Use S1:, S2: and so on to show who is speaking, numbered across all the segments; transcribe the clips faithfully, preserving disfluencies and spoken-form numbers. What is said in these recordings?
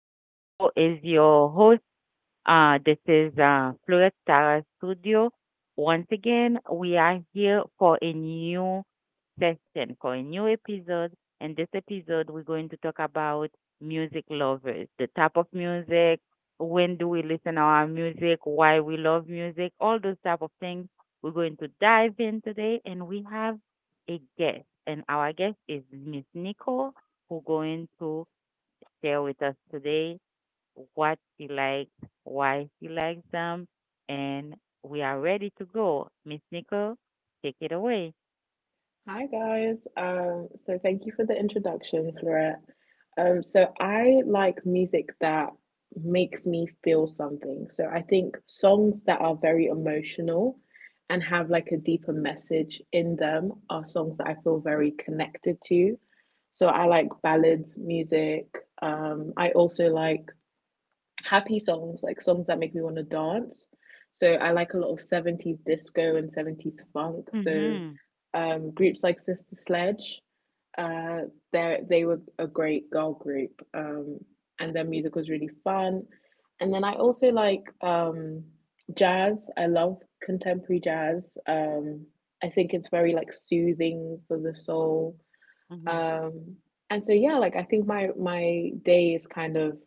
S1: As you know, is your host. Uh, this is uh, Fluget Tara Studio. Once again, we are here for a new session for a new episode. And this episode, we're going to talk about music lovers, the type of music, when do we listen our music, why we love music, all those type of things. We're going to dive in today, and we have a guest, and our guest is Miss Nicole, who going to share with us today what she likes, why she likes them, and we are ready to go. Miss Nicole, take it away.
S2: Hi guys. Um, so thank you for the introduction, Florette. Um, so I like music that makes me feel something. So I think songs that are very emotional and have like a deeper message in them are songs that I feel very connected to. So I like ballads music. Um, I also like happy songs, like songs that make me want to dance. So I like a lot of seventies disco and seventies funk. So
S1: Mm-hmm.
S2: um, groups like Sister Sledge, uh, they they were a great girl group, um, and their music was really fun. And then I also like um, jazz. I love contemporary jazz. Um, I think it's very like soothing for the soul.
S1: Mm-hmm.
S2: Um, and so yeah, like I think my my day is kind of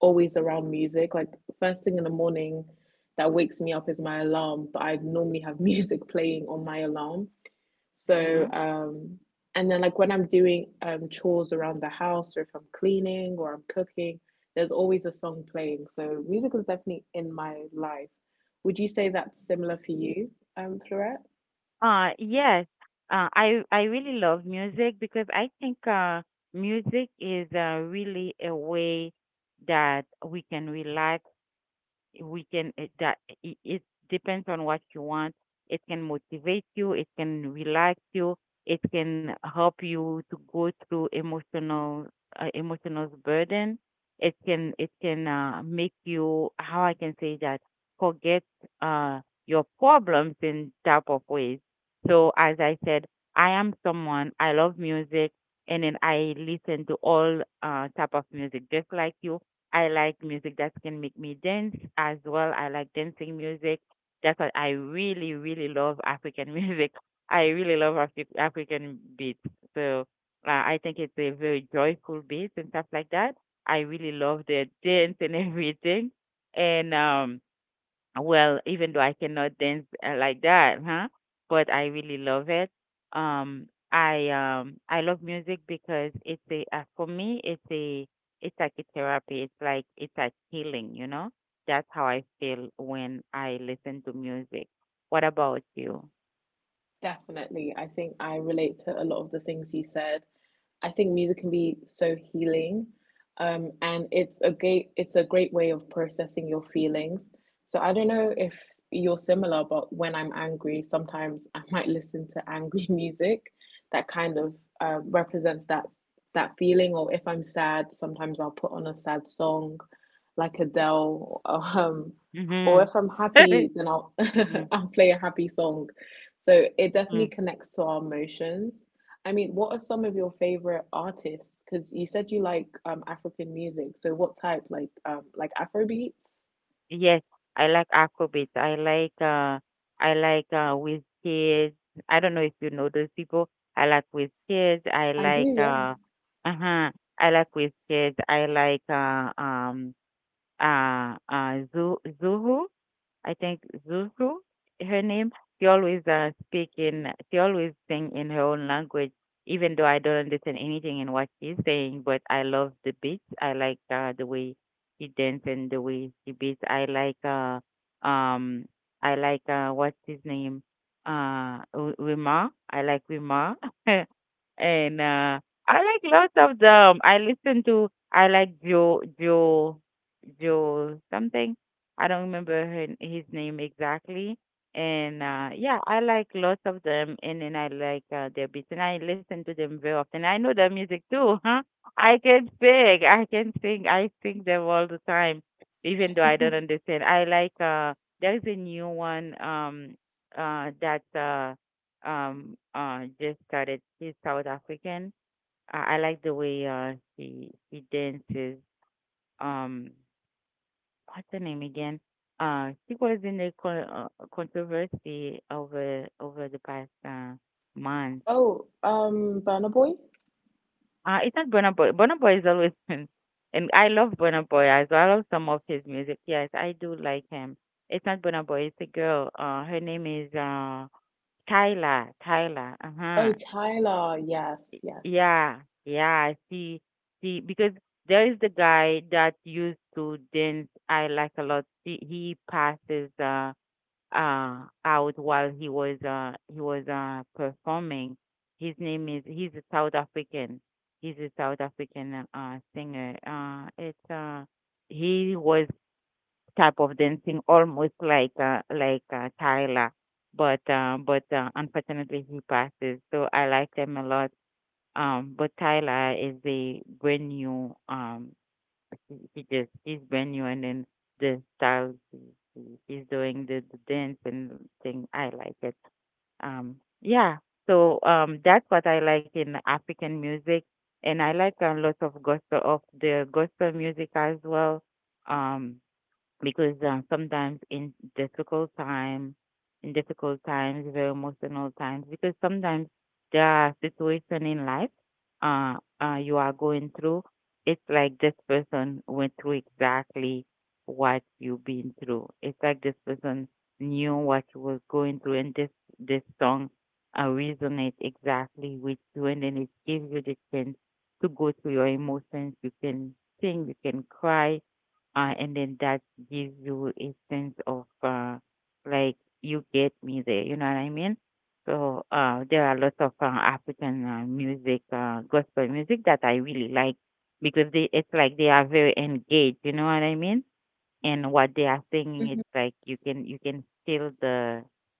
S2: always around music. Like first thing in the morning that wakes me up is my alarm, but I normally have music playing on my alarm. So
S1: Mm-hmm.
S2: um and then like when I'm doing um chores around the house or if I'm cleaning or I'm cooking, there's always a song playing. So music is definitely in my life. Would you say that's similar for you, um, Florette?
S1: Uh, yes, uh, I I really love music because I think uh, music is uh, really a way that we can relax we can it, that it, it depends on what you want, it can motivate you, it can relax you, it can help you to go through emotional uh, emotional burden, it can it can uh, make you, how I can say that, forget uh, your problems in type of ways. So as I said, I am someone I love music, and then I listen to all uh, type of music just like you. I like music that can make me dance as well. I like dancing music. That's what I really, really love, African music. I really love Afri- African beats. So uh, I think it's a very joyful beat and stuff like that. I really love the dance and everything. And um, well, even though I cannot dance uh, like that, huh? But I really love it. Um, I um I love music because it's a uh, for me it's a it's like a therapy. It's like it's like healing, you know? That's how I feel when I listen to music. What about you?
S2: Definitely. I think I relate to a lot of the things you said. I think music can be so healing. Um, and it's a great it's a great way of processing your feelings. So I don't know if you're similar, but when I'm angry, sometimes I might listen to angry music that kind of um, represents that that feeling. Or if I'm sad, sometimes I'll put on a sad song, like Adele. Um, or
S1: Mhm.
S2: if I'm happy, then I'll
S1: Mhm. Mhm.
S2: I'll play a happy song so it definitely connects to our emotions. I mean, what are some of your favorite artists? Because you said you like um African music. So what type? Like um like Afrobeats?
S1: Yes, I like Afrobeats. I like uh I like uh Wizkid. I don't know if you know those people. I like Wizkid. I
S2: I do,
S1: like
S2: yeah.
S1: uh, uh-huh. I like Wizkid. I like uh um uh uh Zu Zuhu. I think Zuzu, her name. She always uh, speak in, she always sing in her own language, even though I don't understand anything in what she's saying. But I love the beats. I like uh, the way she dance and the way she beats. I like, uh, um, I like uh, what's his name, uh, Wi- Wima. I like Wima, and uh, I like lots of them. I listen to, I like Joe, Joe, Joe something. I don't remember her, his name exactly. And uh, yeah, I like lots of them, and then I like uh, their beats, and I listen to them very often. I know their music too, huh? I can sing, I can sing, I sing them all the time, even though I don't understand. I like uh, there's a new one um uh that uh um uh just started. She's South African. I, I like the way uh she she dances. Um, what's her name again? Uh, she was in a co- uh, controversy over over the past uh, month.
S2: Oh, um Burna Boy?
S1: Uh, it's not Burna Boy. Burna Boy is always been, and I love Burna Boy as well. I love some of his music. Yes, I do like him. It's not Burna Boy. It's a girl. Uh, her name is uh, Tyla. Tyla. Uh huh.
S2: Oh, Tyler. Yes, yes.
S1: Yeah, yeah. See, see, because there is the guy that used to dance. I like a lot. He, he passes. Uh, uh, out while he was uh, he was uh, performing. His name is he's a South African. He's a South African uh, singer. Uh, it's uh, he was type of dancing almost like uh, like uh, Tyler, but uh, but uh, unfortunately he passes. So I like them a lot. Um, but Tyler is a brand new um, he, he just he's brand new and then the style, he's doing the, the dance and thing. I like it. Um, yeah. So um, that's what I like in African music, and I like a lot of gospel of the gospel music as well. Um, because uh, sometimes in difficult time, in difficult times, very emotional times, because sometimes there are situations in life uh, uh, you are going through. It's like this person went through exactly what you've been through. It's like this person knew what you was going through, and this this song uh, resonates exactly with you, and then it gives you the chance to go through your emotions. You can sing, you can cry, uh, and then that gives you a sense of uh, like you get me there. You know what I mean? So uh, there are lots of uh, African uh, music, uh, gospel music that I really like because they it's like they are very engaged. You know what I mean? And what they are singing,
S2: Mhm.
S1: it's like you can you can feel the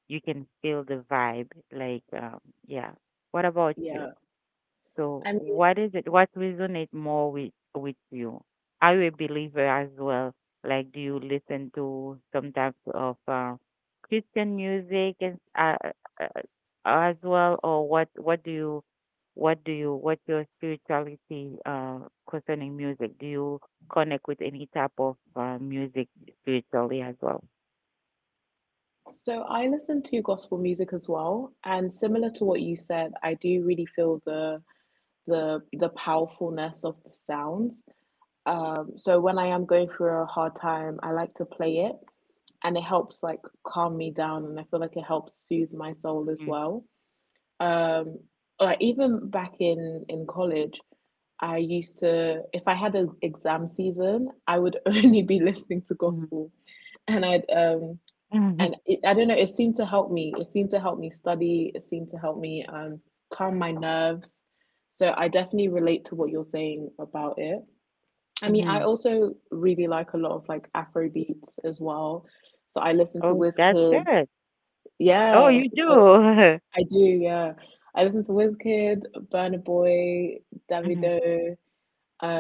S1: you can feel the vibe. Like um, yeah. What about you?
S2: Yeah.
S1: So
S2: I mean,
S1: what is it? What resonate more with with you? Are you a believer as well? Like, do you listen to some type of uh, Christian music and uh, uh, as well, or what? What do you? What do you? What's your spirituality uh, concerning music? Do you connect with any type of uh, music spiritually as well?
S2: so I listen to gospel music as well, and similar to what you said, I do really feel the the the powerfulness of the sounds. Um, so when I am going through a hard time, I like to play it and it helps like calm me down and I feel like it helps soothe my soul as well. Um, like even back in in college, I used to, if I had an exam season, I would only be listening to
S1: Mm-hmm.
S2: gospel, and I'd um
S1: Hmm.
S2: and it, I don't know, it seemed to help me, it seemed to help me study, it seemed to help me um calm my nerves. So I definitely relate to what you're saying about it. I mean,
S1: Hmm.
S2: I also really like a lot of like Afro beats as well. So I listen to
S1: Oh, that's
S2: Wizkid.
S1: good. Oh,
S2: Yeah,
S1: you
S2: so
S1: do.
S2: I do, yeah. I listen to Wizkid, Burna Boy, Davido,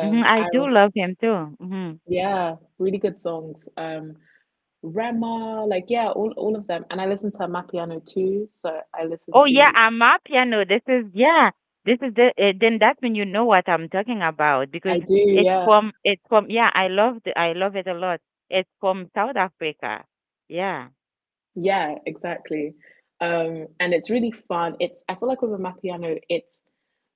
S1: Hmm. I do
S2: Iris.
S1: love him too. Hmm.
S2: Yeah, really good songs. Um, Rema, like yeah, all all of them. And I listen to Amapiano too. So I listen
S1: Oh yeah,
S2: to
S1: I'm a piano. This is, yeah. This is the uh, then that's when you know what I'm talking about
S2: I
S1: because
S2: do,
S1: it's
S2: yeah.
S1: from it's from, yeah. I love the I love it a lot. It's from South Africa. Yeah.
S2: Yeah, exactly. Um, and it's really fun. It's I feel like with a Amapiano, it's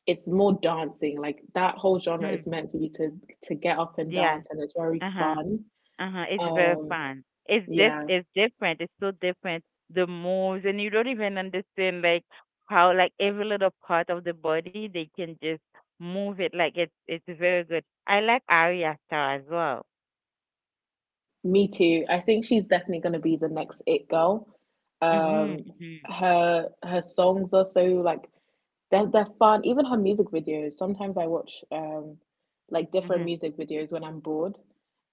S2: it's more dancing. Like that whole genre is
S1: Hmm.
S2: meant for you to to get up and
S1: Yeah.
S2: dance, and it's very
S1: Uh huh.
S2: fun.
S1: Uh-huh. It's very
S2: Um,
S1: fun. It's diff
S2: yeah,
S1: it's different. It's so different. The moves and you don't even understand like how like every little part of the body they can just move it like it's it's very good. I like Arya Star as well.
S2: me too. I think she's definitely going to be the next it girl.
S1: Mhm.
S2: Um,
S1: Mhm.
S2: her her songs are so like they're they're fun. Even her music videos. Sometimes I watch um like different
S1: Mhm.
S2: music videos when I'm bored,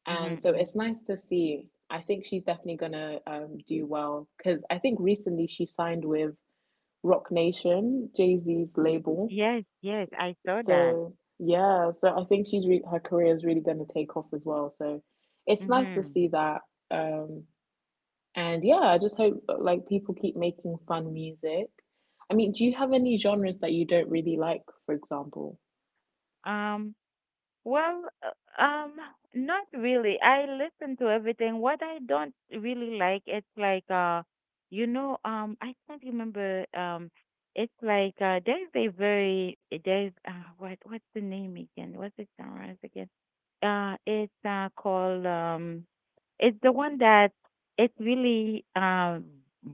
S2: and
S1: Mhm.
S2: so
S1: Mhm.
S2: it's nice to see. I think she's definitely gonna um do well because I think recently she signed with Rock Nation, Jay-Z's label.
S1: Yes, yes, I saw that.
S2: So yeah, so I think she's re- her career is really going to take off as well. So it's nice to
S1: Mhm.
S2: see that. Um, and yeah, I just hope like people keep making fun music. I mean, do you have any genres that you don't really like, for example?
S1: Um, well, uh, um, not really. I listen to everything. What I don't really like, it's like uh, you know, um, I can't remember. Um, it's like uh, there's a very eh, there's uh, what what's the name again? What's the genre again? Uh, it's uh, called um, it's the one that it's really uh,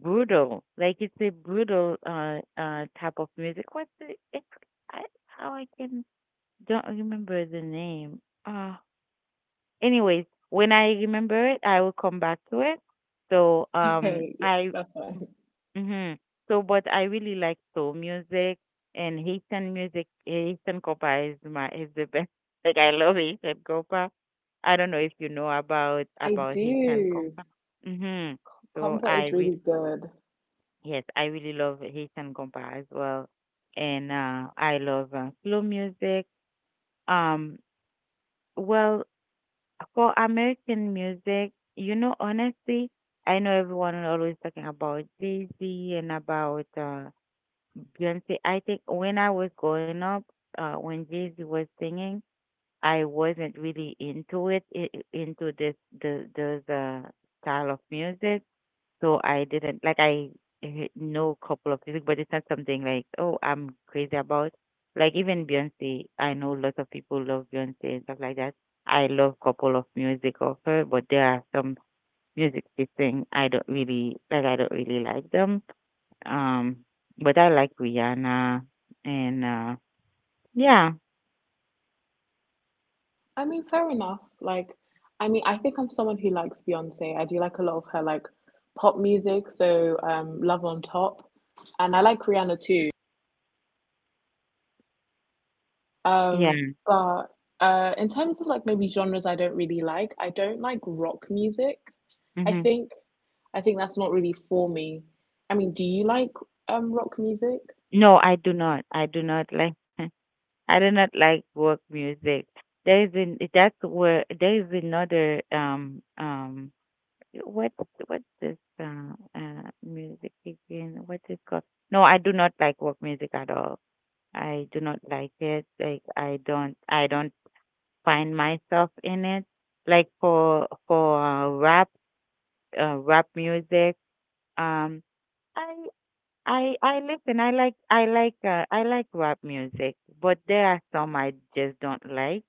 S1: brutal. Like it's a brutal uh uh type of music. What's the it's I how I can don't remember the name. Uh, anyways, when I remember it, I will come back to it. So um,
S2: Okay, yeah,
S1: I,
S2: that's fine.
S1: hmm, so but I really like soul music and Haitian music. Haitian Copa is my is the best. Like I love Haitian Copa. I don't know if you know about
S2: I
S1: about Haitian
S2: do.
S1: Compa. Mhm. So
S2: Comfort
S1: I
S2: is really
S1: really,
S2: good.
S1: yes, I really love Haitian Compa as well, and uh, I love uh, slow music. Um, well, for American music, you know, honestly, I know everyone is always talking about Jay-Z and about uh, Beyonce. I think when I was growing up, uh, when Jay-Z was singing, I wasn't really into it, i- i- into this the those uh, style of music. So I didn't like I eh, know a couple of music, but it's not something like, oh, I'm crazy about. Like even Beyonce, I know lots of people love Beyonce and stuff like that. I love couple of music of her, but there are some music she sing I don't really like. I don't really like them. Um, but I like Rihanna and uh, yeah,
S2: I mean, fair enough. Like, I mean, I think I'm someone who likes Beyonce. I do like a lot of her like pop music, so um, Love on Top, and I like Rihanna too.
S1: yeah.
S2: Um, but uh, in terms of like maybe genres, I don't really like. I don't like rock music. I
S1: Hmm.
S2: think, I think that's not really for me. I mean, do you like um rock music?
S1: No, I do not. I do not like. I do not like work music. There is an that's where there is another um, um, what what's this uh, uh, music again? What's it called? No, I do not like work music at all. I do not like it. Like I don't I don't find myself in it. Like for for uh, rap uh, rap music um, I I I listen. I like I like uh, I like rap music, but there are some I just don't like.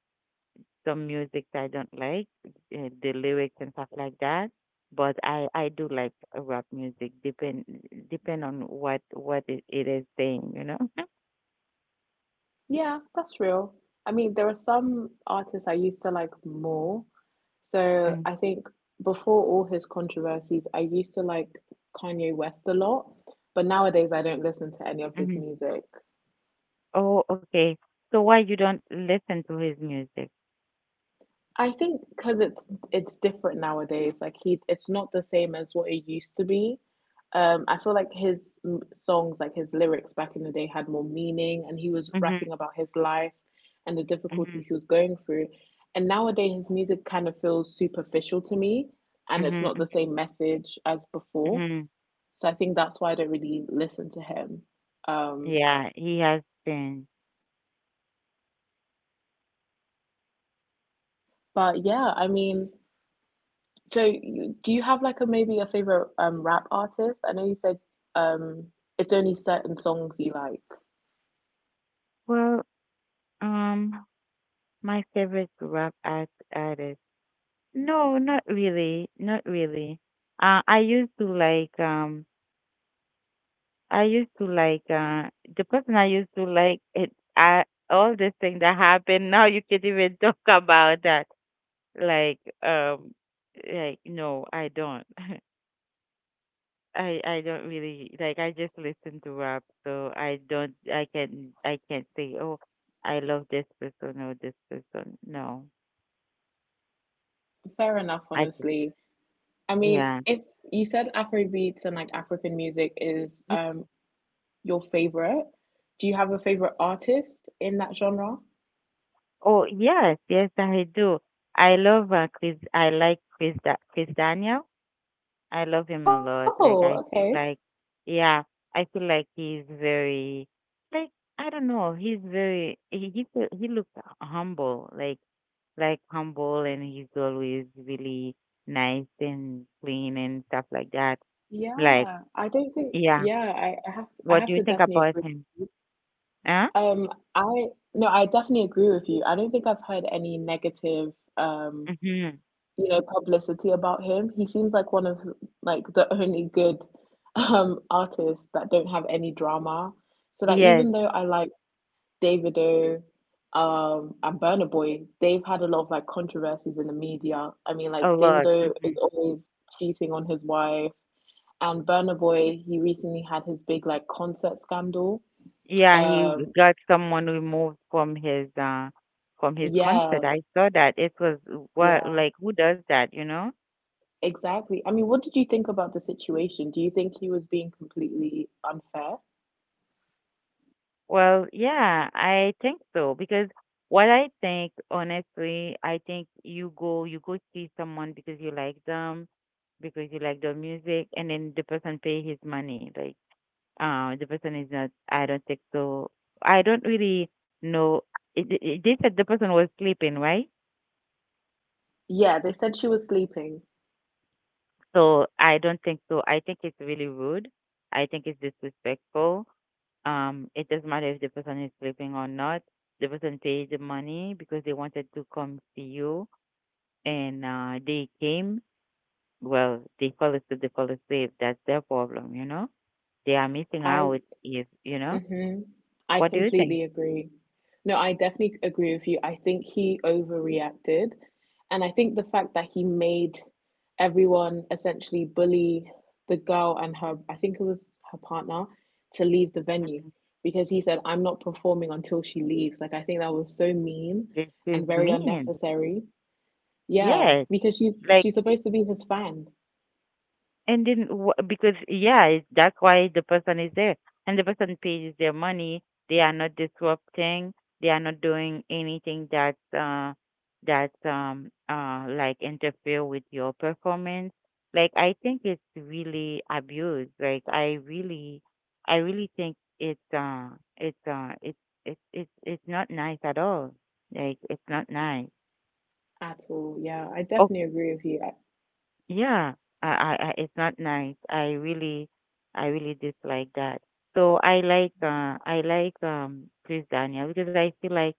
S1: Some music that I don't like, uh, the lyrics and stuff like that. But I I do like uh, rap music, depend depend on what what it, it is saying, you know.
S2: Yeah, that's real. I mean, there are some artists I used to like more. So
S1: Mm,
S2: I think before all his controversies, I used to like Kanye West a lot. But nowadays, I don't listen to any of his
S1: mhm.
S2: music.
S1: Oh, okay. So why you don't listen to his music?
S2: I think because it's it's different nowadays. Like he, it's not the same as what it used to be. Um, I feel like his m- songs, like his lyrics back in the day, had more meaning, and he was
S1: Mhm,
S2: rapping about his life and the
S1: mhm,
S2: difficulties he was going through. And nowadays, his music kind of feels superficial to me, and it's
S1: mhm,
S2: not the
S1: mhm,
S2: same message as before.
S1: mhm.
S2: So I think that's why I don't really listen to him. Um,
S1: Yeah, he has been.
S2: but yeah, I mean, so, you, do you have like a maybe a favorite um rap artist? I know you said um it's only certain songs you like.
S1: Well, um, my favorite rap art artist. No, not really, not really. Uh, I used to like um, I used to like uh the person I used to like, it, I, all this thing that happened now you can't even talk about that. Like um, like no, I don't. I I don't really like, I just listen to rap so I don't I can, I can't say, oh, I love this person or this person. No.
S2: Fair enough,
S1: I just,
S2: honestly. I mean,
S1: yeah.
S2: if you said Afrobeats and like African music is
S1: Which-
S2: um your favorite, do you have a favorite artist in that genre?
S1: Oh yes, yes I do. I love uh, Chris I like Chris da- Chris Daniel. I love him a lot. Like,
S2: Oh,
S1: I feel
S2: okay.
S1: like yeah, I feel like he's very like, I don't know, he's very he he feel- he looks humble, like, like humble, and he's always really nice and clean and stuff like that. Like
S2: Yeah, I don't think.
S1: yeah,
S2: Yeah, I, I have. I
S1: what do
S2: have
S1: you
S2: to
S1: think
S2: definitely
S1: about
S2: agree.
S1: him? Huh?
S2: Um, I no, I definitely agree with you. I don't think I've heard any negative um
S1: Mhm.
S2: you know, publicity about him. He seems like one of like the only good um artists that don't have any drama. So that
S1: Yes,
S2: even though I like Davido um and Burna Boy, they've had a lot of like controversies in the media. I mean like
S1: a lot.
S2: Davido
S1: Hmm.
S2: is always cheating on his wife and Burna Boy, he recently had his big like concert scandal.
S1: Yeah, he
S2: Um
S1: got someone removed from his uh from his concert. I
S2: yes,
S1: saw that. It was what,
S2: yeah.
S1: like who does that, you know?
S2: Exactly. I mean, what did you think about the situation? Do you think he was being completely unfair?
S1: Well, yeah, I think so, because what I think, honestly, I think you go you go see someone because you like them, because you like their music, and then the person pay his money. Like, uh, the person is not. I don't think so. I don't really know. It, it, it- they said the person was sleeping, right?
S2: Yeah, they said she was sleeping.
S1: So I don't think so. I think it's really rude. I think it's disrespectful. Um, it doesn't matter if the person is sleeping or not. The person paid the money because they wanted to come see you, and uh, they came. Well, they fall asleep. They fall asleep. That's their problem. You know, they are missing
S2: I
S1: out. If you know,
S2: hmm I
S1: what do you think?
S2: completely agree. No, I definitely agree with you. I think he overreacted. And I think the fact that he made everyone essentially bully the girl and her, I think it was her partner, to leave the venue because he said, I'm not performing until she leaves. Like, I think that was so mean
S1: This
S2: and
S1: is
S2: very
S1: mean.
S2: unnecessary. Yeah,
S1: Yes,
S2: because she's
S1: like
S2: she's supposed to be his fan
S1: and then wh- because yeah it- that's why the person is there, and the person pays their money. They are not disrupting, they are not doing anything that uh that um uh like interfere with your performance. Like, I think it's really abuse. Like, I really, I really think it's uh it's uh it's it's it's it's not nice at all. Like, it's not nice.
S2: at all. Yeah, I definitely agree with you. I-
S1: Yeah, I, I, I it's not nice. I really, I really dislike that. So I like, uh, I like um Chris Daniel, because I feel like,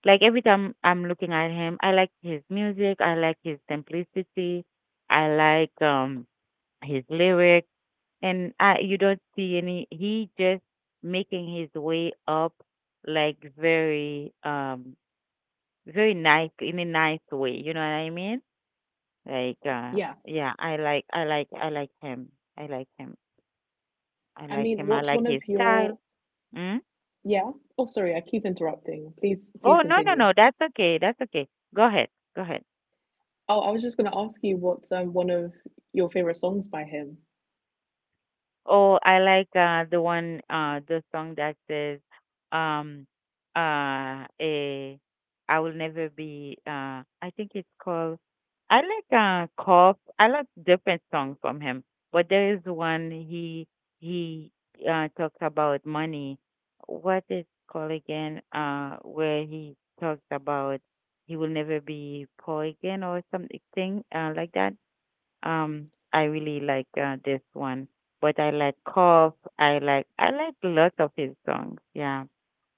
S1: like every time I'm looking at him, I like his music. I like his simplicity. I like um his lyrics, and I you don't see any. He just making his way up, like very um very nice, in a nice way. You know what I mean? Like, uh,
S2: Yeah.
S1: yeah, I like, I like, I like him. I like him. I
S2: I
S1: like
S2: mean,
S1: him. I
S2: what's
S1: like
S2: one of
S1: his
S2: your
S1: style. Mm?
S2: yeah? Oh, sorry, I keep interrupting. Please, please
S1: Oh, no, no,
S2: continue.
S1: no. That's okay. That's okay. Go ahead. Go ahead.
S2: Oh, I was just going to ask you what's um one of your favorite songs by him.
S1: Oh, I like uh the one uh the song that says um uh eh, I will never be uh I think it's called I like uh Cough. I like different songs from him. But there is one he he uh talks about money. What is called again? Uh, where he talks about he will never be poor again or something uh like that. Um, I really like uh, this one, but I like Cough. I like I like lots of his songs. Yeah,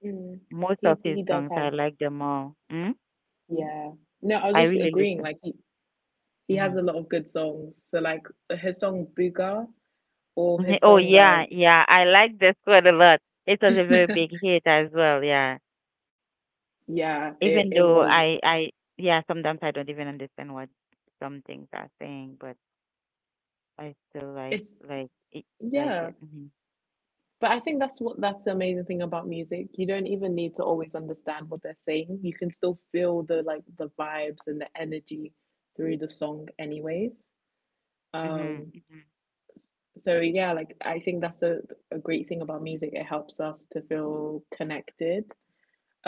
S2: Mm.
S1: most
S2: He
S1: of his
S2: he does
S1: songs,
S2: have
S1: I like them all. Mm?
S2: yeah. No, I was
S1: I
S2: just
S1: really
S2: agreeing.
S1: listen.
S2: Like he he has
S1: Hmm.
S2: a lot of good songs. So like his song Booger or his
S1: Oh
S2: song um
S1: yeah, yeah. I like this one a lot. It was a very big hit as well. Yeah,
S2: yeah,
S1: even
S2: it it
S1: though
S2: was
S1: I I yeah, sometimes I don't even understand what some things are saying, but I still like
S2: it's
S1: like it like
S2: yeah.
S1: it. Mm-hmm.
S2: But I think that's what that's the amazing thing about music. You don't even need to always understand what they're saying. You can still feel the like the vibes and the energy through the song anyways.
S1: Mm-hmm.
S2: Um so yeah, like I think that's a, a great thing about music. It helps us to feel connected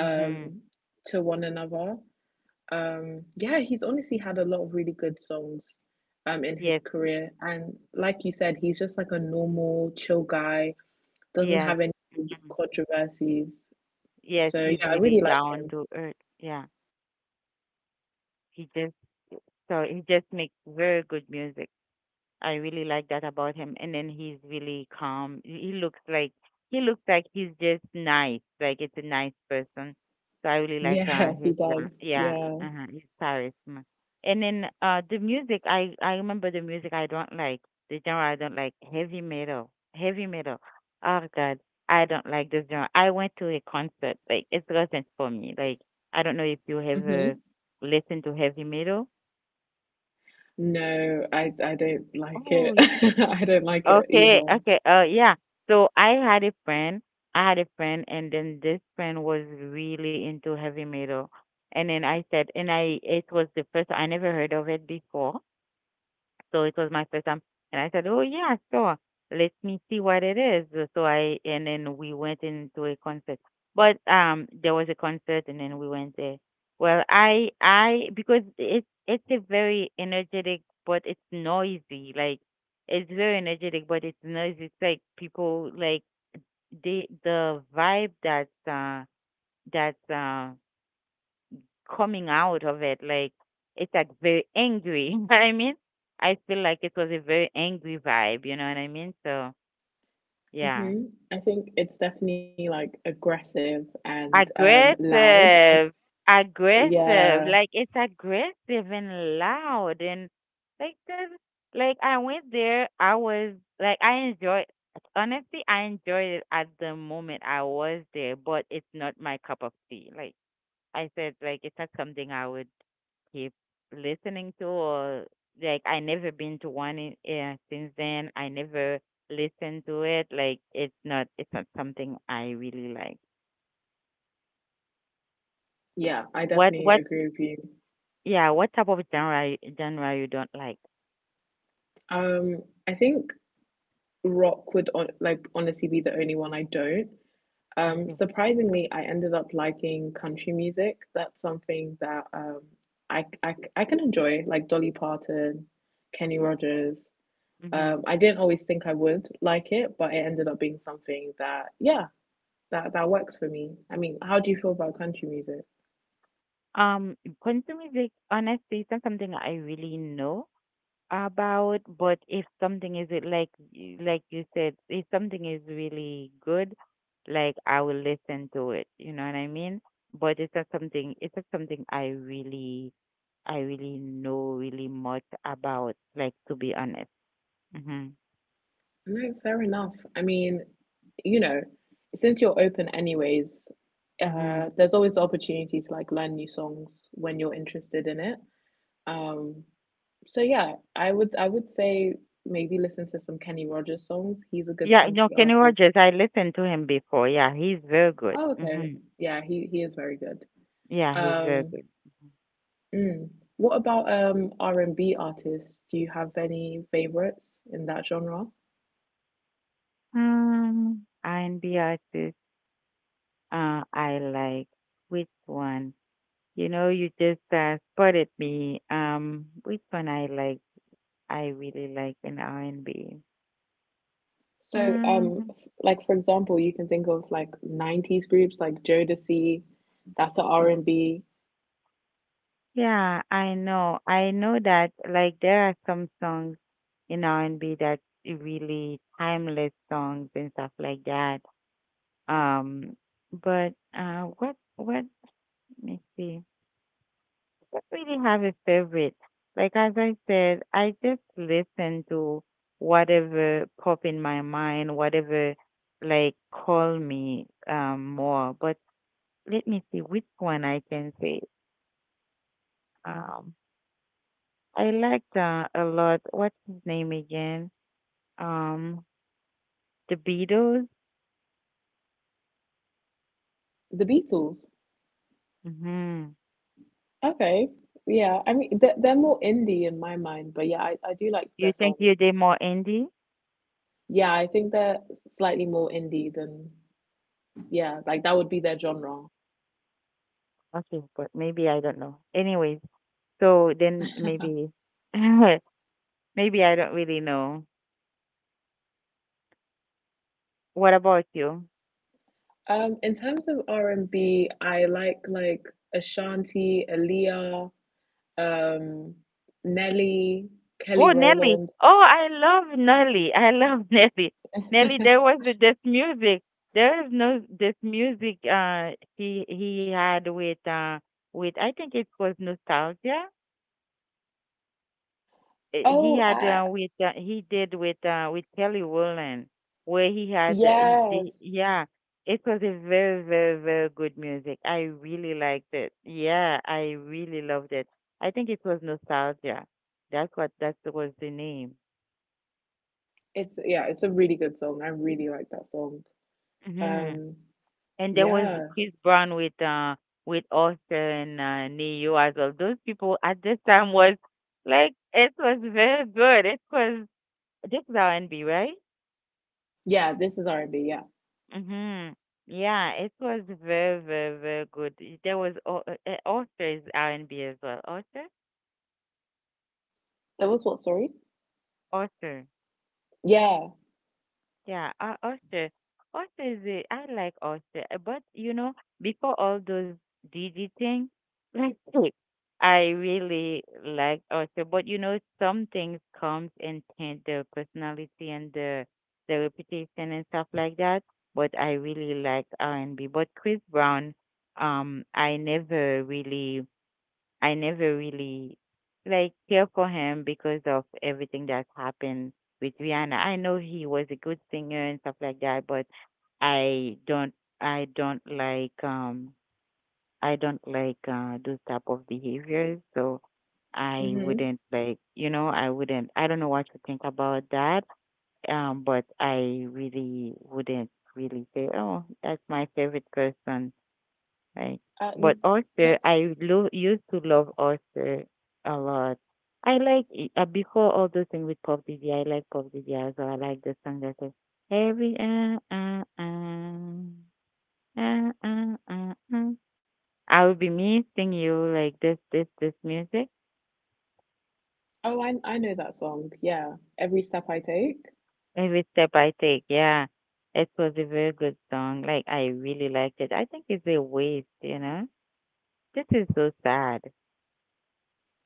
S1: Mm-hmm. Mm-hmm.
S2: to one another. Um yeah, he's honestly had a lot of really good songs um in his
S1: Yes.
S2: career and like you said, he's just like a normal chill guy doesn't
S1: Yes.
S2: have any
S1: Mm-hmm.
S2: controversies.
S1: Yes,
S2: So
S1: he's
S2: yeah, I
S1: really
S2: really like
S1: down
S2: him.
S1: to earth. Yeah, he just so he just makes very good music. I really like that about him. And then he's really calm. He he looks like he looks like he's just nice. Like, it's a nice person. So I really like uh
S2: Yeah, he
S1: his uh,
S2: does.
S1: yeah
S2: Yeah.
S1: uh huh his charisma. And then uh the music, I I remember the music I don't like the genre. I don't like heavy metal, heavy metal. Oh God, I don't like this genre. I went to a concert, like it wasn't for me. Like, I don't know if you ever
S2: hmm
S1: listened to heavy metal.
S2: No, I I don't like it.
S1: Oh,
S2: I don't like it
S1: okay,
S2: either.
S1: okay. Uh, yeah. So I had a friend. I had a friend, and then this friend was really into heavy metal. And then I said, and I it was the first, I never heard of it before. So it was my first time. And I said, "Oh, yeah, sure, let me see what it is." So I, and then we went into a concert. But um, there was a concert and then we went there. Well, I, I, because it's, it's a very energetic, but it's noisy. Like, it's very energetic, but it's noisy. It's like people, like, they, the vibe that, uh, that, uh, coming out of it. Like, it's like very angry. You know what I mean? I feel like it was a very angry vibe, you know what I mean? So yeah.
S2: Hmm I think it's definitely like aggressive and um loud.
S1: Aggressive.
S2: Yeah,
S1: Aggressive. Like, it's aggressive and loud, and like there's like I went there, I was like I enjoyed, honestly I enjoyed it at the moment I was there, but it's not my cup of tea. Like, I said like it's not something I would keep listening to, or like I never been to one in, yeah, since then. I never listened to it. Like, it's not it's not something I really like.
S2: yeah, I definitely
S1: What what
S2: agree with you.
S1: yeah, what type of genre y- genre you don't like?
S2: Um, I think rock would on, like honestly be the only one I don't. Um, surprisingly, I ended up liking country music. That's something that um, I, I, I can enjoy, like Dolly Parton, Kenny Rogers.
S1: Mm-hmm.
S2: Um, I didn't always think I would like it, but it ended up being something that, yeah, that, that works for me. I mean, how do you feel about country music?
S1: Um, country music, honestly, it's not something I really know about, but if something is it like y- like you said, if something is really good, like I will listen to it. You know what I mean? But it's not something. It's not something I really I really know really much about. Like, to be honest. Mhm.
S2: No, fair enough. I mean, you know, since you're open anyways,
S1: Mhm.
S2: uh, there's always the opportunity to like learn new songs when you're interested in it. Um, so yeah, I would I would say maybe listen to some Kenny Rogers songs. He's a good
S1: Yeah. No,
S2: country
S1: Kenny
S2: artist.
S1: Rogers. I listened to him before. Yeah, he's very good.
S2: Oh, okay.
S1: Mhm.
S2: Yeah, he he is very good.
S1: Yeah, he's very
S2: Um,
S1: good.
S2: Mm. What about um R and B artists? Do you have any favorites in that genre?
S1: Um, R and B artist. Uh, I like which one? You know, you just uh, spotted me. Um, which one I like? I really like in R and B.
S2: So,
S1: Mm,
S2: um, f- like for example, you can think of like nineties groups like Jodeci, that's a R and B,
S1: yeah, I know. I know that like there are some songs in R and B that really timeless songs and stuff like that. Um, but uh, what what? Let me see. Don't really have a favorite. Like, as I said, I just listen to whatever pop in my mind, whatever like call me um more. But let me see which one I can say. Um, I liked uh, a lot, what's his name again? Um, the Beatles.
S2: the Beatles.
S1: Mm-hmm.
S2: Okay. Yeah. I mean, they're, they're more indie in my mind, but yeah, I, I do like
S1: You
S2: their
S1: think
S2: songs.
S1: you did more indie?
S2: Yeah, I think they're slightly more indie than, yeah, like that would be their genre.
S1: Okay, but maybe I don't know. Anyways, so then maybe maybe I don't really know. What about you?
S2: Um, in terms of R and B, I like like Ashanti, Aaliyah, um, Nelly, Kelly
S1: Oh, Nelly.
S2: Rowland.
S1: Oh, I love Nelly. I love Nelly. Nelly, there was th- this music. There is no this music uh he he had with uh with I think it was Nostalgia. Uh, He
S2: Oh,
S1: had
S2: uh,
S1: uh, with uh, he did with uh with Kelly Rowland, where he had uh, he, the,
S2: yes.
S1: yeah, it was a very, very, very good music. I really liked it. Yeah, I really loved it. I think it was Nostalgia. That's what that was the name.
S2: It's Yeah, it's a really good song. I really like that song.
S1: Hmm.
S2: Um,
S1: And there was
S2: yeah.
S1: Chris Brown with uh with Austin uh, Neo as well. Those people at this time was like it was very good. It was this is R and B, right?
S2: Yeah, this is R and B, yeah.
S1: Mhm. Yeah, it was very, very, very good. There was Au- uh, uh, Author is R and B as well. Author,
S2: That was what, sorry?
S1: author.
S2: Yeah.
S1: Yeah, uh, Ulster. Ulster is a, I like Ulster, uh, but you know, before all those D D things, like I really like Ulster. But you know, some things comes and taint the personality and the the reputation and stuff like that. But I really like R and B. But Chris Brown, um, I never really I never really like care for him because of everything that happened with Rihanna. I know he was a good singer and stuff like that, but I don't I don't like um I don't like uh those type of behaviors. So I
S2: Hmm.
S1: wouldn't like, you know, I wouldn't, I don't know what to think about that. Um, but I really wouldn't really say, "Oh, that's my favorite person," right?
S2: Uh,
S1: But
S2: n- no,
S1: oyster, I lo- used to love oyster a lot. I like i- uh, before all those things with Puff Diddy. I like Puff Diddy as well. I like the song that says every uh uh uh uh uh uh. uh. I will be missing you, like this this this music.
S2: oh, I I know that song. Yeah, every step I take.
S1: Every step I take. Yeah, it was a very good song. Like, I really liked it. I think it's a waste, you know. This is so sad.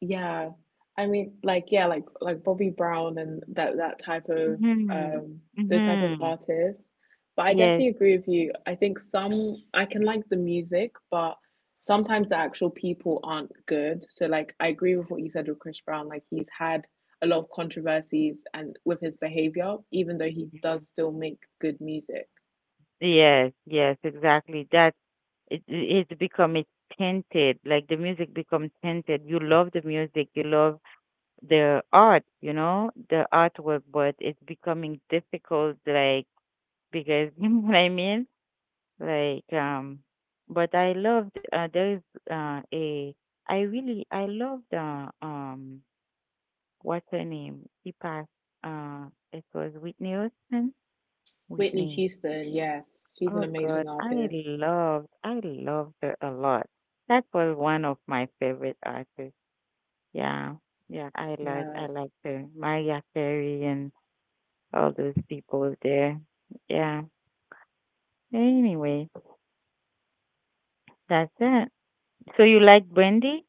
S2: Yeah, I mean, like, yeah, like like Bobby Brown and that that type of
S1: Mm-hmm.
S2: um those type of
S1: Mm-hmm.
S2: artists. But I definitely
S1: Yes.
S2: agree with you. I think some I can like the music, but sometimes the actual people aren't good. So like, I agree with what you said with Chris Brown. Like, he's had a lot of controversies and with his behavior, even though he does still make good music.
S1: Yes, yes, exactly. That it it it's become it's tainted. Like, the music becomes tainted. You love the music, you love the art, you know, the artwork, but it's becoming difficult. Like, because you know what I mean. Like, um, but I loved. Uh, there is uh a I really I loved uh um what's her name? She passed. Uh, it was Whitney Houston.
S2: Whitney
S1: Whitney.
S2: Houston, yes, she's an
S1: Oh God,
S2: amazing
S1: I
S2: artist.
S1: loved, I loved it a lot. That was one of my favorite artists. Yeah, yeah, I like, I
S2: Yeah,
S1: like the Mariah Carey and all those people there. Yeah. Anyway, that's it. So you like Brandy?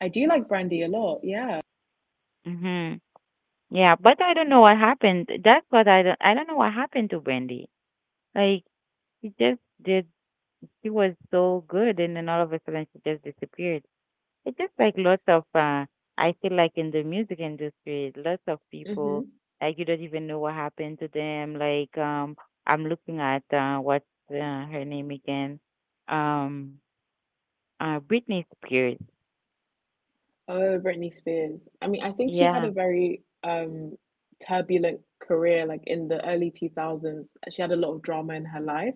S2: I do like Brandy a lot. Yeah.
S1: Mm-hmm. Yeah, but I don't know what happened. That's what I don't, I don't know what happened to Brandy. Like she just did, she was so good, and then all of a sudden she just disappeared. It's just like lots of uh I feel like in the music industry, lots of people
S2: Hmm.
S1: like you don't even know what happened to them. Like um I'm looking at uh what's uh, her name again? Um uh Britney Spears.
S2: Oh, Britney Spears. I mean, I think she had
S1: Yeah.
S2: a very um turbulent career, like in the early two thousands. She had a lot of drama in her life,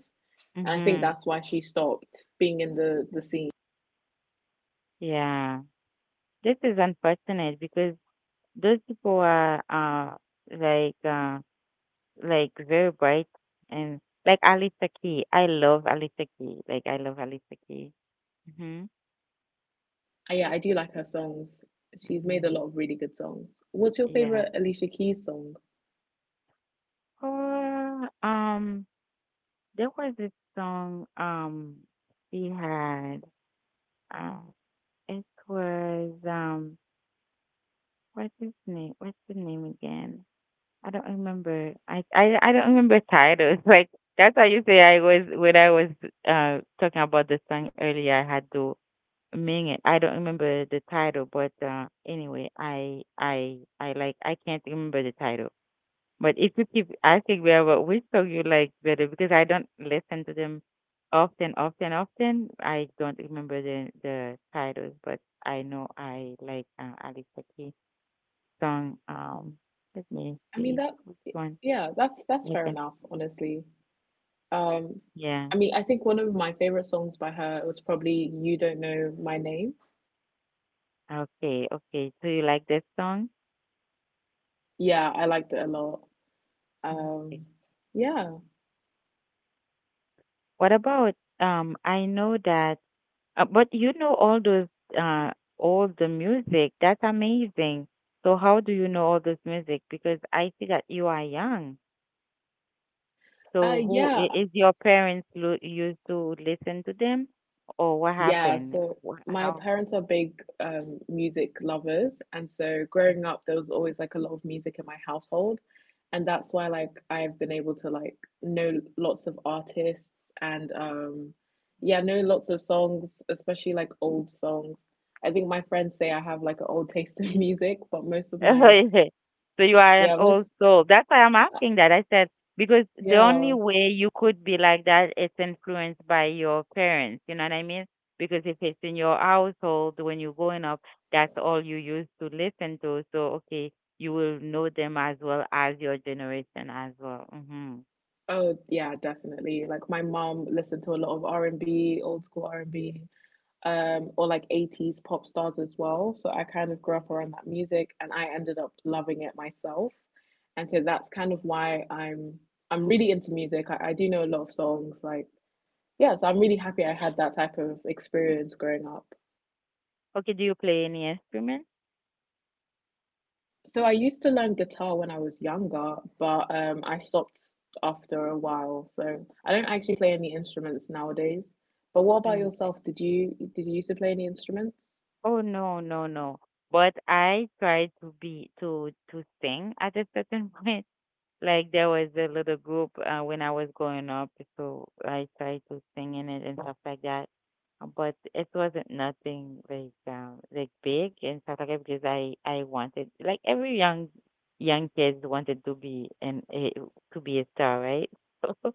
S2: and I think
S1: Mhm.
S2: that's why she stopped being in the the scene.
S1: Yeah. This is unfortunate because those people are uh like uh like very bright and like Alicia Key. I love Alicia Key. Like I love Alicia Keys. Mhm.
S2: Uh, yeah, I do
S1: Alicia
S2: like her
S1: Keys.
S2: songs. She's made a
S1: Mhm.
S2: lot of really good songs. What's your
S1: Yeah.
S2: favorite Alicia Keys song?
S1: Or um, there was this song um he had. Uh, it was um, What's his name? What's the name again? I don't remember. I I I don't remember titles. Like that's how you say I was when I was uh talking about the song earlier. I had to mean it. I don't remember the title, but uh, anyway, I I I like I can't remember the title. But if you keep asking me about which song you like better, because I don't listen to them often, often, often, I don't remember the the titles, but I know I like uh, Alicia Keys song. Um, let me
S2: I mean
S1: see
S2: that.
S1: which one.
S2: Yeah, that's that's fair
S1: Okay,
S2: enough, honestly. Um,
S1: yeah,
S2: I mean, I think one of my favorite songs by her was probably "You Don't Know My Name."
S1: okay, okay. So you like this song?
S2: Yeah, I liked it a lot.
S1: Okay.
S2: Um, yeah,
S1: What about um? I know that. Uh, but you know all those, uh, all the music. That's amazing. So how do you know all this music? Because I see that you are young.
S2: uh,
S1: So who
S2: yeah.
S1: i- is your parents lo- used to listen to them, or what
S2: Yeah,
S1: happened?
S2: so
S1: Wh-
S2: my
S1: How?
S2: parents are big um, music lovers, and so growing up, there was always like a lot of music in my household, and that's why like I've been able to like know lots of artists and um, yeah, know lots of songs, especially like old songs. I think my friends say I have like an old taste in music, but most of my
S1: So you are an
S2: yeah,
S1: old
S2: most
S1: soul. That's why I'm asking that. I said, because the only
S2: yeah,
S1: way you could be like that is influenced by your parents. You know what I mean? Because if it's in your household when you're growing up, that's all you used to listen to. So, okay, you will know them as well as your generation as well. Hmm.
S2: oh yeah, definitely. Like my mom listened to a lot of R and B, old school R and B um, or like eighties pop stars as well. So I kind of grew up around that music and I ended up loving it myself. And so that's kind of why I'm I'm really into music. I, I do know a lot of songs. Like, yeah, so I'm really happy I had that type of experience growing up.
S1: Okay, do you play any instrument?
S2: So I used to learn guitar when I was younger, but um, I stopped after a while. So I don't actually play any instruments nowadays. But what about
S1: Mm.
S2: yourself? Did you did you used to play any instruments?
S1: Oh, no, no, no. But I tried to be to to sing at a certain point. Like there was a little group uh, when I was growing up, so I tried to sing in it and stuff like that. Uh, But it wasn't nothing like um, like big and stuff like that because I I wanted like every young young kids wanted to be an a, to be a star, right?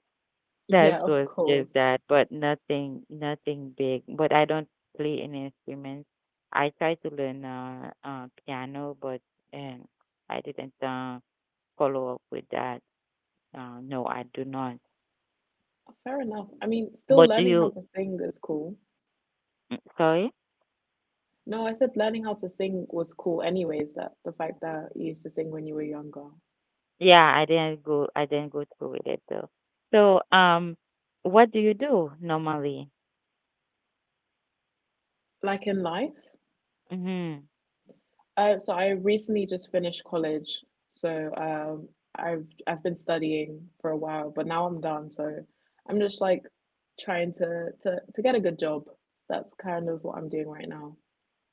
S1: So that
S2: Yeah, of
S1: was
S2: course.
S1: just that, but nothing nothing big. But I don't play any instruments. I tried to learn uh, uh piano, but um, I didn't uh, follow up with that. Uh, no, I do not.
S2: Fair enough. I mean, still
S1: But do
S2: learning how
S1: you?
S2: to sing is cool.
S1: mm, Sorry.
S2: No, I said learning how to sing was cool anyways, that the fact that you used to sing when you were younger.
S1: Yeah, I didn't go. I didn't go through with it though. So, um, what do you do normally?
S2: Like in life.
S1: Mm-hmm.
S2: Uh, so I recently just finished college. So um I've I've been studying for a while, but now I'm done. So I'm just like trying to to to get a good job. That's kind of what I'm doing right now.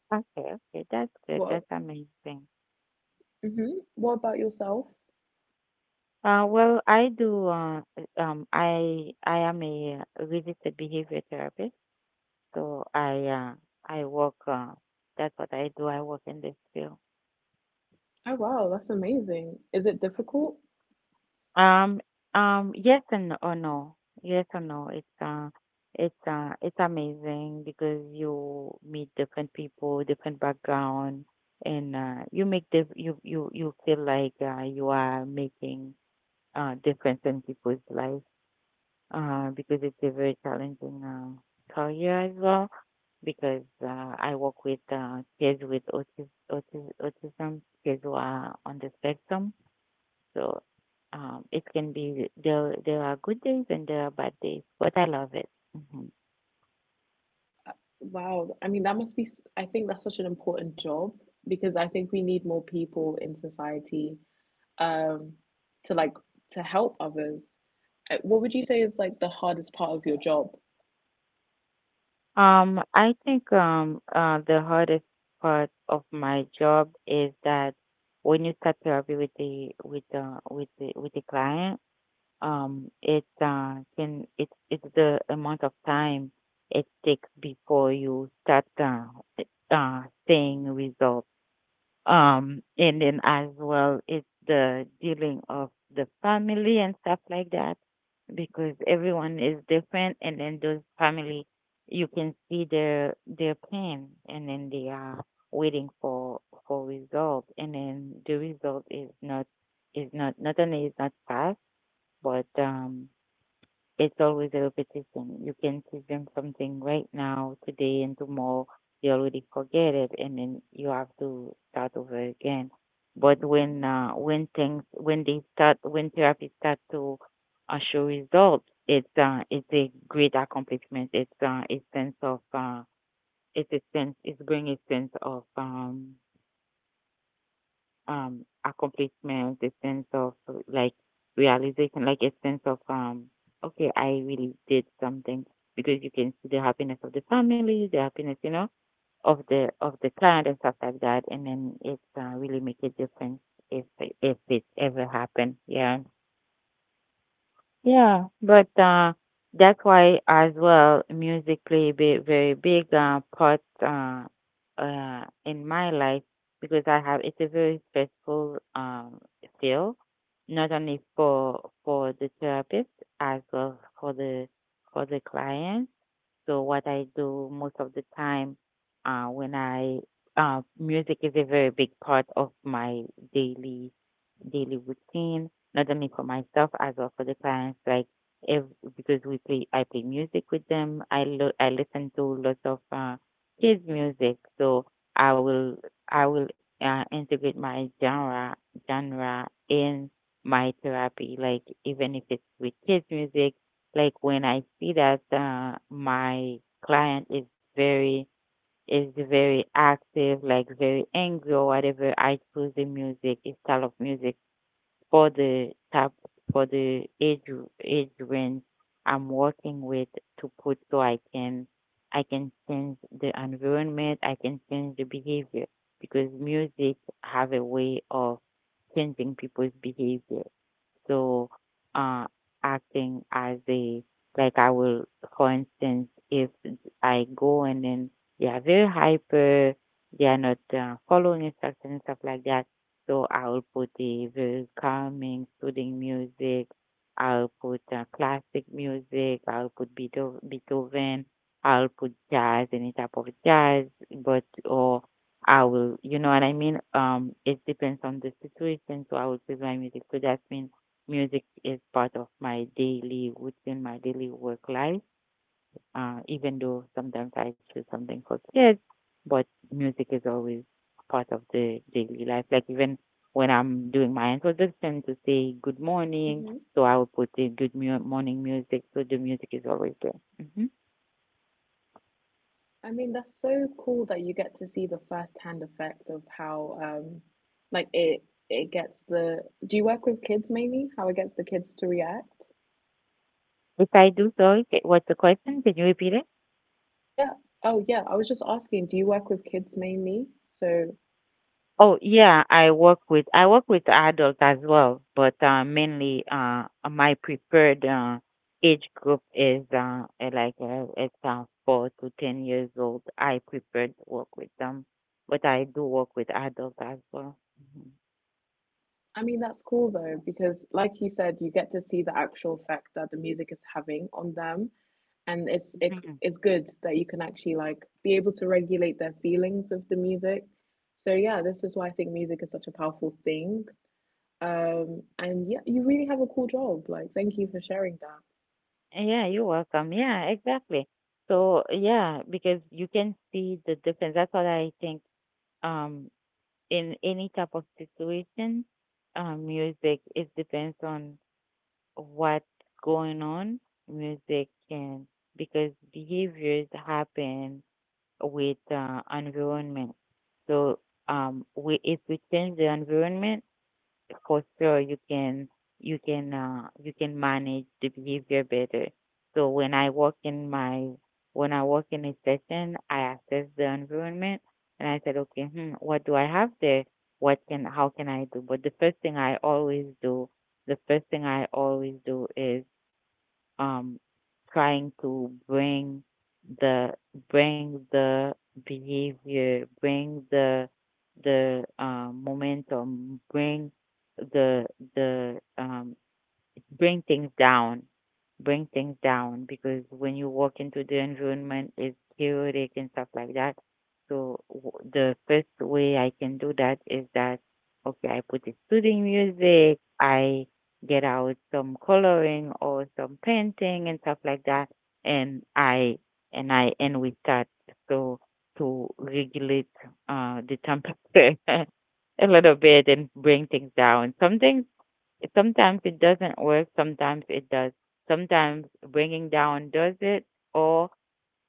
S1: Okay, okay, that's good.
S2: What
S1: That's amazing.
S2: Mm-hmm. What about yourself?
S1: Uh, well, I do. Uh, uh, um, I I am a uh, registered behavior therapist, so I uh, I work. Uh, that's what I do. I work in this field.
S2: Oh, wow, that's amazing. Is it difficult?
S1: Um, um, yes and or no. Yes or no. It's uh it's uh it's amazing because you meet different people, different background, and uh you make the you you you feel like uh you are making uh difference in people's life uh because it's a very challenging uh career as well because uh, I work with uh, kids with autis- autis- autism, kids who are on the spectrum, so um, it can be there. There are good days and there are bad days, but I love it. Hmm.
S2: Wow. I mean, that must be, s- I think that's such an important job because I think we need more people in society um to like to help others. Uh, What would you say is like the hardest part of your job?
S1: Um, I think um, uh, the hardest part of my job is that when you start therapy with the with the with the with the client, um, it uh, can it it's the amount of time it takes before you start uh, uh, seeing results, um and then as well it's the dealing of the family and stuff like that because everyone is different and then those family you can see their their pain and then they are waiting for for result, and then the result is not is not not only is not fast, but um it's always a repetition. You can teach them something right now, today, and tomorrow. They already forget it, and then you have to start over again. But when uh, when things when they start when therapy start to uh, show results, it's uh, it's a great accomplishment. It's uh, a sense of uh, it's a sense it's bring a sense of um, um accomplishment, a sense of uh, like realization, like a sense of um okay, I really did something, because you can see the happiness of the family, the happiness, you know, of the of the client and stuff like that, and then it uh, really make a difference if it- if it ever happened. Yeah. Yeah, but uh, that's why as well music play a big, very big uh, part uh, uh, in my life because I have it's a very stressful um, field, not only for for the therapist, as well for the for the client, so what I do most of the time, uh, when I uh, music is a very big part of my daily daily routine, not only for myself, as well for the clients. Like if, because we play, I play music with them. I lo- I listen to lots of uh, kids music, so I will I will uh, integrate my genre genre in my therapy. Like even if it's with kids music, like when I see that uh, my client is very is very active, like very angry or whatever, I choose the music, a style of music for the type for the age age range I'm working with to put, so I can I can change the environment, I can change the behavior because music have a way of changing people's behavior. So, uh, acting as a like I will, for instance, if I go and then they are very hyper, they are not uh, following instructions and stuff like that. So I will put a very calming, soothing music. I'll put uh, classic music. I'll put Beetho- Beethoven. I'll put jazz, any type of jazz, but or I will, you know what I mean? Um, it depends on the situation, so I will play my music. So that means music is part of my daily routine, my daily work life. Uh, even though sometimes I choose something for kids, but music is always part of the daily life. Like even when I'm doing my introduction to say good morning,
S2: Hmm.
S1: so I will put the good mu- morning music. So the music is always there. Hmm.
S2: I mean, that's so cool that you get to see the first-hand effect of how um like it it gets the do you work with kids mainly? How it gets the kids to react?
S1: If I do so, okay, what's the question? Can you repeat it?
S2: Yeah. Oh, yeah. I was just asking, do you work with kids mainly? So
S1: Oh yeah, I work with I work with adults as well, but uh, mainly uh, my preferred uh, age group is uh, uh, like uh, it's uh, four to ten years old. I prefer to work with them, but I do work with adults as well.
S2: I mean, that's cool though, because like you said, you get to see the actual effect that the music is having on them. And it's
S1: Mhm.
S2: it's
S1: Mhm.
S2: it's good that you can actually like be able to regulate their feelings with the music. So yeah, this is why I think music is such a powerful thing. Um, and yeah, you really have a cool job. Like, thank you for sharing that.
S1: Yeah, you're welcome. Yeah, exactly. So yeah, because you can see the difference. That's what I think. Um, in any type of situation, um, music it depends on what's going on, music can, because behaviors happen with uh, environment. So um, we, if we change the environment, for sure you can you can uh, you can manage the behavior better. So when I work in my when I work in a session, I assess the environment and I said, okay, hmm, what do I have there? What can How can I do? But the first thing I always do, the first thing I always do is um, trying to bring the bring the behavior, bring the the uh momentum, bring the the um, bring things down bring things down, because when you walk into the environment it's chaotic and stuff like that. So w- the first way I can do that is that, okay, I put the soothing music, I get out some coloring or some painting and stuff like that, and I and I and we start, so to regulate uh the temperature a little bit and bring things down. Something Sometimes it doesn't work, sometimes it does. Sometimes bringing down does it, or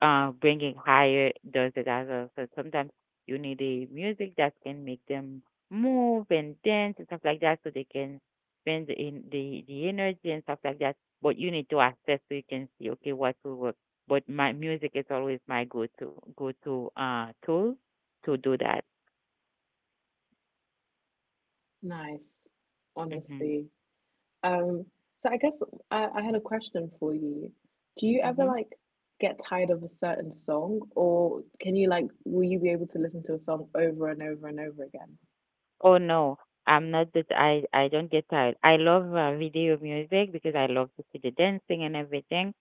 S1: uh, bringing higher does it as well. So sometimes you need a music that can make them move and dance and stuff like that, so they can spend the in the the energy and stuff like that. But you need to assess so you can see okay what will work. But my music is always my go to go to uh tool to do that.
S2: Nice,
S1: Mhm.
S2: honestly. Um, so I guess I, I had a question for you. Do you ever like get tired of a certain song, or can you like, will you be able to listen to a song over and over and over again?
S1: Oh no, I'm not that I I don't get tired. I love uh, video music because I love to see the dancing and everything.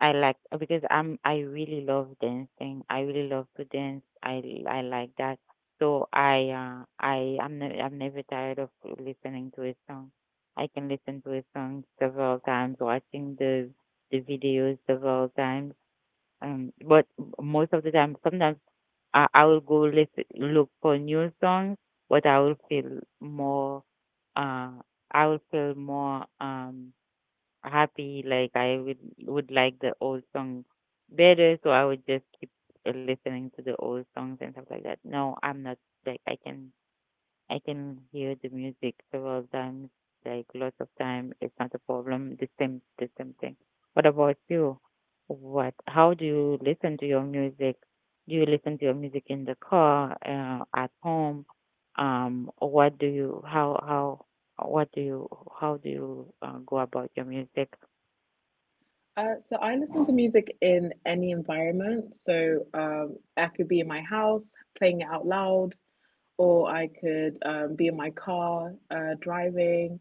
S1: I like uh, because I'm I really love dancing. I really love to dance. I I like that. So I uh I I'm ne- I'm never tired of listening to a song. I can listen to a song several times, watching the the videos several times. Um, but most of the time, sometimes. I, I will go listen, look for new songs, but I will feel more, uh, I will feel more um, happy. Like I would would like the old song better, so I would just keep uh, listening to the old songs and stuff like that. No, I'm not like I can. I can hear the music several times, like lots of time. It's not a problem. The same, the same thing. What about you? What? How do you listen to your music? Do you listen to your music in the car, uh, at home? Um, what do you? How how? What do you? How do you uh, go about your music?
S2: Uh, so I listen to music in any environment. So um, I could be in my house playing it out loud, or I could um, be in my car uh, driving.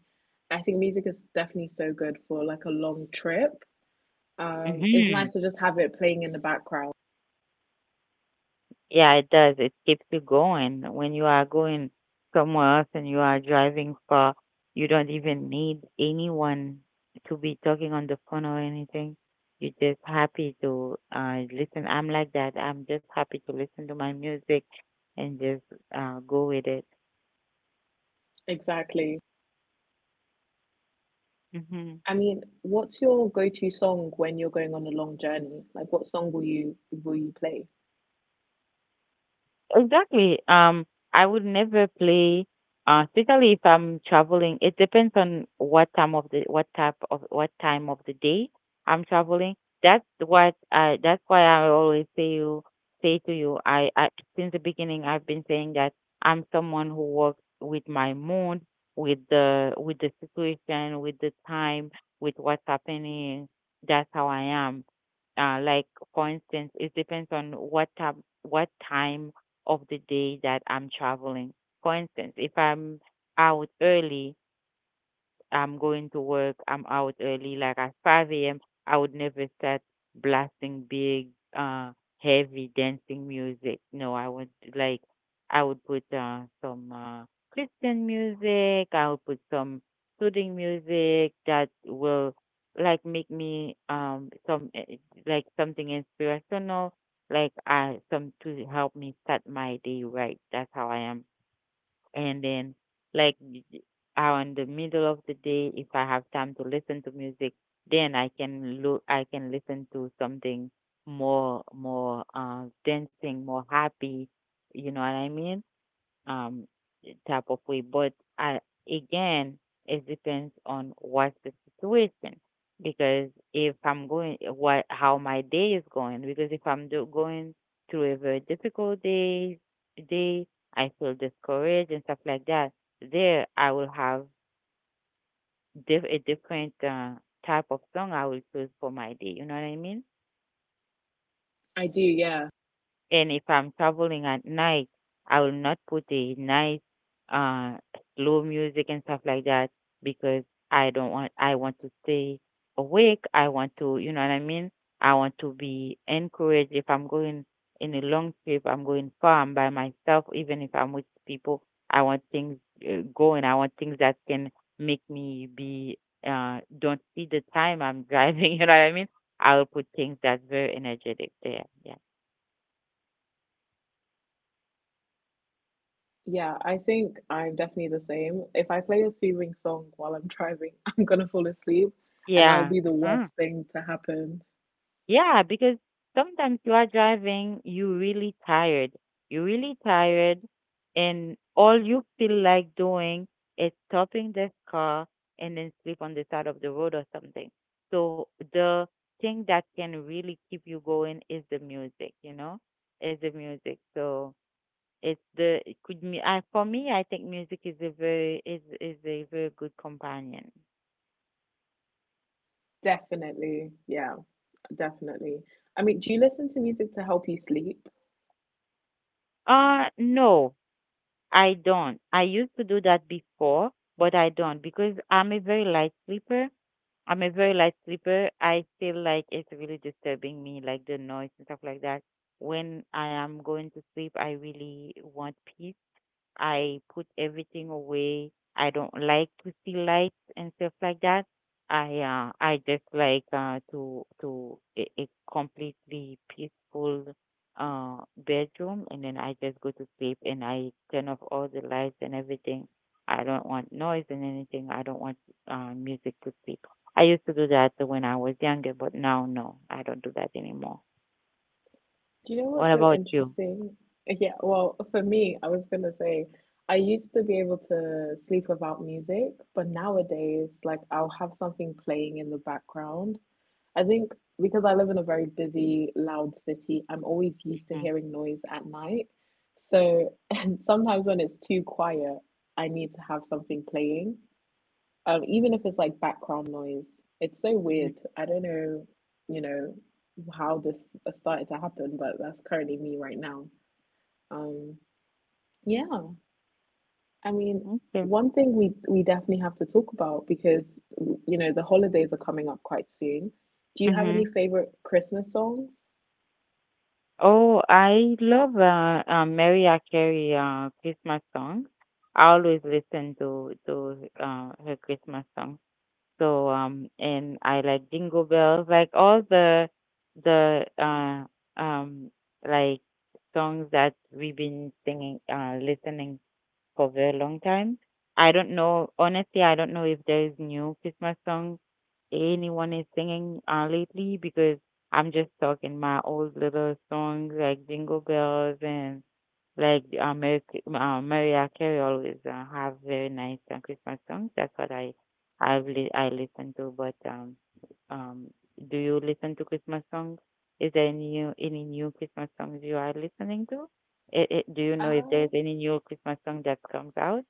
S2: I think music is definitely so good for like a long trip. Um, it's
S1: Mm-hmm.
S2: nice to just have it playing in the background.
S1: Yeah, it does. It keeps you going. When you are going somewhere else and you are driving far, you don't even need anyone to be talking on the phone or anything. You're just happy to uh, listen. I'm like that. I'm just happy to listen to my music and just uh, go with it.
S2: Exactly.
S1: hmm
S2: I mean, what's your go-to song when you're going on a long journey? Like, what song will you will you play?
S1: Exactly. Um, I would never play, uh, especially if I'm traveling. It depends on what time of the what type of what time of the day I'm traveling. That's what I. That's why I always say you say to you. I, I since the beginning I've been saying that I'm someone who works with my mood, with the with the situation, with the time, with what's happening. That's how I am uh, like for instance, it depends on what time what time of the day that I'm traveling. For instance, if I'm out early, I'm going to work, I'm out early, like at five a m, I would never start blasting big, uh, heavy dancing music. No, I would like, I would put uh, some uh, Christian music, I would put some soothing music that will like make me um some eh, eh, like something inspirational like uh some to help me start my day right. That's how I am. And then like uh, in the middle of the day, if I have time to listen to music, then i can look i can listen to something more more uh dancing, more happy, you know what I mean, um, type of way. But I, again, it depends on what's the situation. Because if I'm going, what how my day is going. Because if I'm do, going through a very difficult day, day I feel discouraged and stuff like that. There, I will have diff- a different uh, type of song I will choose for my day. You know what I mean?
S2: I do, yeah.
S1: And if I'm traveling at night, I will not put a nice uh slow music and stuff like that because I don't want I want to stay awake. I want to, you know what I mean? I want to be encouraged if I'm going in a long trip, I'm going far, I'm by myself, even if I'm with people, I want things uh, going. I want things that can make me be uh don't see the time I'm driving, you know what I mean? I'll put things that's very energetic there. Yeah.
S2: Yeah, I think I'm definitely the same. If I play a soothing song while I'm driving, I'm gonna fall asleep, and that will
S1: Yeah.
S2: be the worst
S1: Mhm.
S2: thing to happen.
S1: Yeah, because sometimes you are driving, you really tired. You're really tired, and all you feel like doing is stopping the car and then sleep on the side of the road or something. So the thing that can really keep you going is the music, you know, is the music. So it's the it could me I for me I think music is a very is is a very good companion.
S2: Definitely, yeah, definitely. I mean, do you listen to music to help you sleep?
S1: Uh no, I don't. I used to do that before, but I don't because I'm a very light sleeper. I'm a very light sleeper. I feel like it's really disturbing me, like the noise and stuff like that. When I am going to sleep, I really want peace. I put everything away. I don't like to see lights and stuff like that. I uh, I just like uh, to to a, a completely peaceful uh, bedroom, and then I just go to sleep and I turn off all the lights and everything. I don't want noise and anything. I don't want uh, music to sleep. I used to do that when I was younger, but now no, I don't do that anymore.
S2: Do you know
S1: What
S2: what's so
S1: about you?
S2: interesting? Yeah, well, for me, I was gonna say I used to be able to sleep without music, but nowadays, like I'll have something playing in the background. I think because I live in a very busy, loud city, I'm always used to hearing noise at night. So, and sometimes when it's too quiet, I need to have something playing. Um, even if it's like background noise, it's so
S1: Mm-hmm.
S2: weird. I don't know, you know, how this started to happen, but that's currently me right now. Um, yeah, I mean,
S1: Mm-hmm. Okay.
S2: one thing we we definitely have to talk about because you know the holidays are coming up quite soon. Do you have
S1: Mm-hmm.
S2: any favorite Christmas songs?
S1: Oh, I love uh, uh, Mariah Carey uh, Christmas songs. I always listen to to uh, her Christmas songs. So um, and I like Jingle Bells, like all the the uh, um like songs that we've been singing, uh, listening for a very long time. I don't know, honestly, I don't know if there is new Christmas songs anyone is singing uh, lately, because I'm just stuck in my old little songs like Jingle Bells and like uh, Mary, Ki- uh, Mariah Carey always uh, have very nice uh, Christmas songs. That's what I I've li- I listen to. But um um, do you listen to Christmas songs? Is there any new, any new Christmas songs you are listening to? It, it, do you know if there's
S2: Oh,
S1: any new Christmas song that comes out?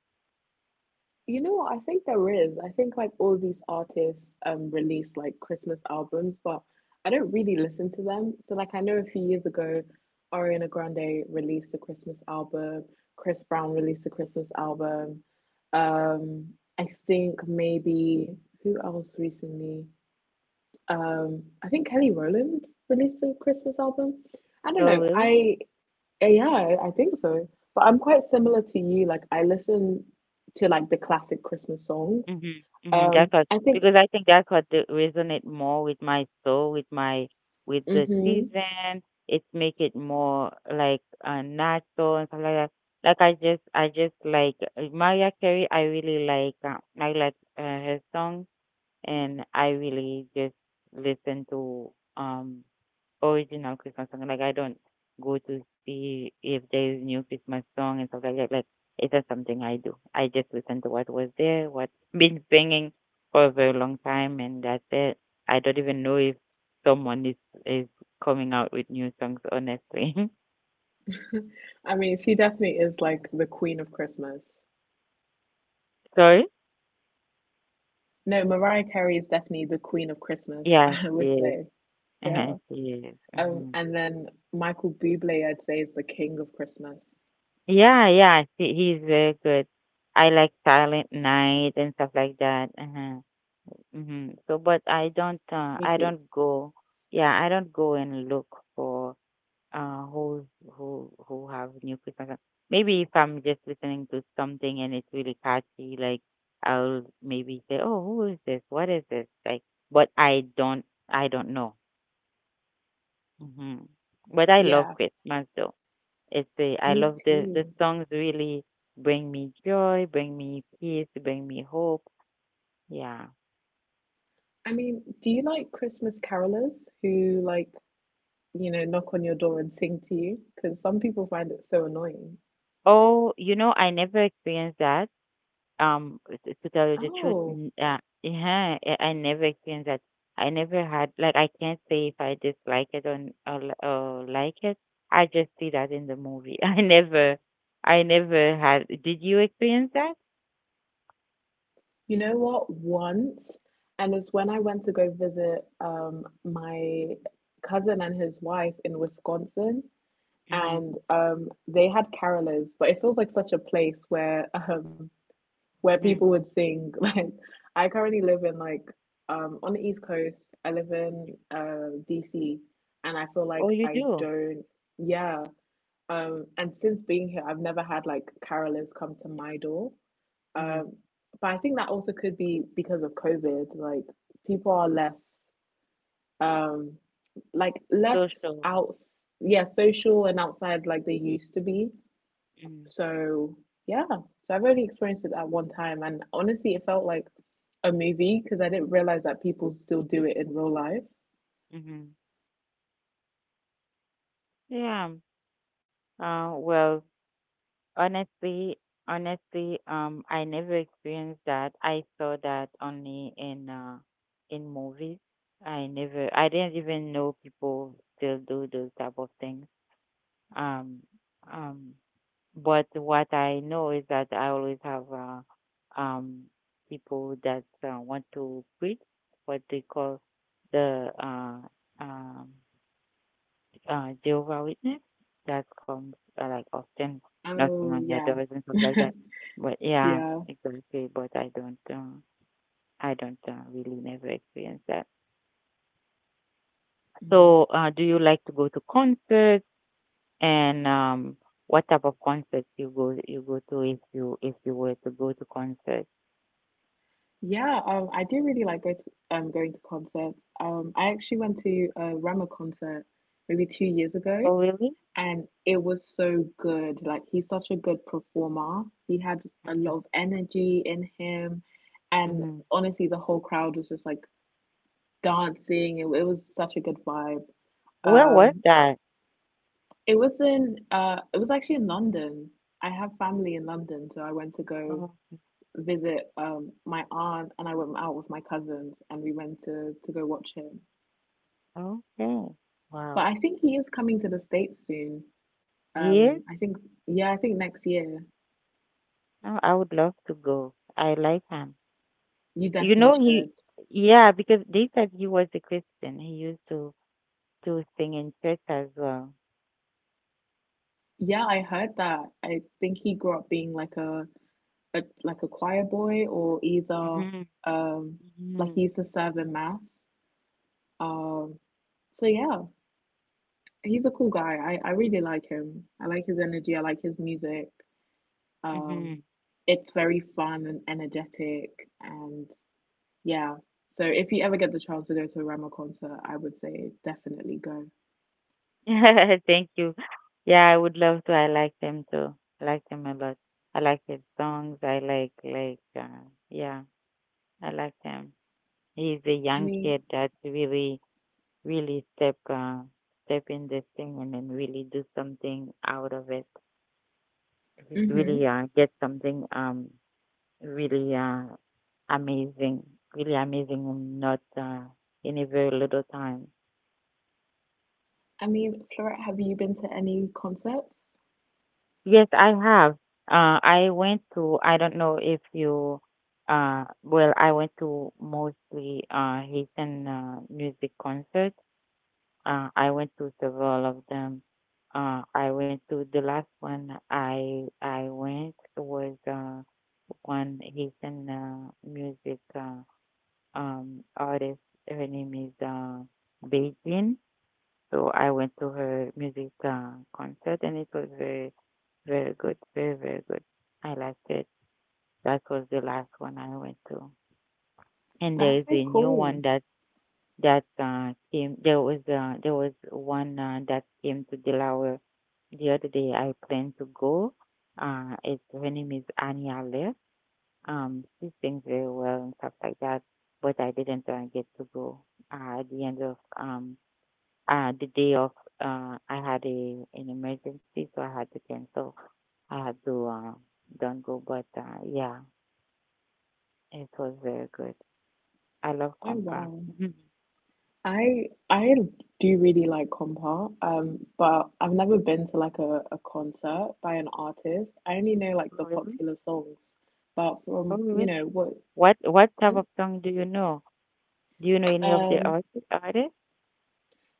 S2: you know what? I think there is. I think like all these artists um release like Christmas albums, but I don't really listen to them. So like I know a few years ago, Ariana Grande released a Christmas album, Chris Brown released a Christmas album. Um, I think maybe who else recently? Um, I think Kelly Rowland released a Christmas album. I don't
S1: Oh
S2: know.
S1: really?
S2: I uh, Yeah, I I think so. But I'm quite similar to you. Like I listen to like the classic Christmas songs.
S1: Mhm, mhm, that
S2: Um,
S1: was
S2: I think.
S1: because I think that's what the resonate more with my soul, with my with the
S2: Hmm.
S1: season. It make it more like uh, natural and stuff like that. Like I just I just like uh, Mariah Carey. I really like uh, I like uh, her song, and I really just listen to um original Christmas song. Like I don't go to see if there is new Christmas song and stuff like that. Like it's not something I do. I just listen to what was there, what's been singing for a very long time, and that's it. I don't even know if someone is is coming out with new songs. Honestly,
S2: I mean, she definitely is like the queen of Christmas.
S1: sorry.
S2: No, Mariah Carey is definitely the queen of Christmas.
S1: Yeah,
S2: I
S1: she
S2: would
S1: is.
S2: say,
S1: Uh-huh,
S2: yeah.
S1: she is. Hmm.
S2: Um, and then Michael Bublé, I'd say, is the king of Christmas.
S1: Yeah, yeah. She, he's very good. I like Silent Night and stuff like that. Uh-huh. Mhm. So, but I don't, uh, I
S2: Me too.
S1: don't go. Yeah, I don't go and look for uh who who who have new Christmas song. Maybe if I'm just listening to something and it's really catchy, like I'll maybe say, "Oh, who is this? What is this?" Like, but I don't, I don't know. Hmm. But I love
S2: Yeah,
S1: Christmas though. It's a. I
S2: me
S1: love the the
S2: too.
S1: songs really bring me joy, bring me peace, bring me hope. Yeah.
S2: I mean, do you like Christmas carolers who like, you know, knock on your door and sing to you because some people find it so annoying.
S1: Oh, you know, I never experienced that. Um, t- to tell you the truth,
S2: Oh,
S1: n- uh, yeah, I I never experienced that. I never had like I can't say if I dislike it or, n- or, li- or like it. I just see that in the movie. I never, I never had. Did you experience that?
S2: you know what? Once, and it's when I went to go visit um, my cousin and his wife in Wisconsin,
S1: Mhm.
S2: and um, they had carolers, but it feels like such a place where um, where
S1: Mhm.
S2: people would sing. Like, I currently live in like um, on the East Coast. I live in uh, D C, and I feel
S1: Oh,
S2: like
S1: you
S2: I
S1: do.
S2: don't. Yeah. Um, and since being here, I've never had like carolers come to my door.
S1: Mhm.
S2: Um, but I think that also could be because of COVID. Like people are less, um, like less
S1: Social.
S2: out, yeah, social and outside like they used to be.
S1: Mhm.
S2: So yeah, so I've only experienced it at one time, and honestly, it felt like a movie because I didn't realize that people still do it in real life.
S1: Mhm. Yeah. Uh, well, Honestly, Honestly, um, I never experienced that. I saw that only in uh, in movies. I never, I didn't even know people still do those type of things. Um, um, but what I know is that I always have uh, um, people that uh, want to quit what they call the uh, um uh, Jehovah witness that comes uh, like often knocking on
S2: Oh
S1: your
S2: yeah,
S1: doors and stuff like that. But yeah,
S2: yeah.
S1: exactly. But I don't, uh, I don't uh, really never experience that.
S2: Mm.
S1: So, uh, do you like to go to concerts? And um, what type of concerts you go you go to if you if you were to go to concerts?
S2: Yeah, um, I do really like go to um going to concerts. Um, I actually went to a Rema concert maybe two years ago,
S1: Oh, really?
S2: and it was so good. Like he's such a good performer. He had a
S1: Mm-hmm.
S2: lot of energy in him, and
S1: Mm-hmm.
S2: honestly, the whole crowd was just like dancing. It, it was such a good vibe.
S1: Where was
S2: Um,
S1: that?
S2: it was in uh, it was actually in London. I have family in London, so I went to
S1: Oh,
S2: go visit um my aunt and I went out with my cousins and we went to to go watch him.
S1: okay. Wow.
S2: But I think he is coming to the States soon.
S1: Yes,
S2: Um I think Yeah, I think next year.
S1: oh, I would love to go. I like him.
S2: You
S1: You know
S2: definitely
S1: he,
S2: should.
S1: yeah, because they said he was a Christian. He used to to sing in church as well.
S2: Yeah, I heard that. I think he grew up being like a, a like a choir boy or either
S1: Hmm.
S2: um like he used to serve in mass. Um so yeah, he's a cool guy. I, I really like him. I like his energy, I like his music.
S1: Hmm.
S2: Um, it's very fun and energetic, and yeah. So if you ever get the chance to go to a Rama concert, I would say definitely go.
S1: Hmm. Thank you. Yeah, I would love to. I like them too. I like them a lot. I like his songs. I like like uh, yeah, I like them. He's a
S2: I
S1: young kid
S2: mean,
S1: that's really really step uh, step in this thing and then really do something out of it.
S2: mm-hmm.
S1: Really uh, get something um really uh, amazing, really amazing in not uh, in a very little time.
S2: I mean, Florette, have you been to any concerts?
S1: Yes, I have. Uh, I went to, I don't know if you, uh, well, I went to mostly uh, Haitian uh, music concerts. Uh, I went to several of them. Uh, I went to the last one I I went was uh, one Haitian uh, music Uh, um, artist. Her name is uh, Beijing. So I went to her music uh, concert and it was very, very good, very, very good. I liked it. That was the last one I went to. And
S2: That's
S1: there
S2: so
S1: is a new
S2: cool.
S1: one that that uh, came. There was uh, there was one uh, that came to Delaware the other day. I planned to go. Uh, it's her name is Anya Left um, did things very well and stuff like that. But I didn't uh, get to go. Uh, at the end of um, uh, the day of, uh, I had a an emergency, so I had to cancel. I had to uh, don't go. But uh, yeah, it was very good. I love
S2: Oh
S1: compa.
S2: wow.
S1: Mhm.
S2: I I do really like compa, um, but I've never been to like a, a concert by an artist. I only know like the
S1: Oh really?
S2: popular songs, but from
S1: Oh
S2: you
S1: really?
S2: know what?
S1: What what type of song do you know? Do you know any of the
S2: um
S1: arti- artists?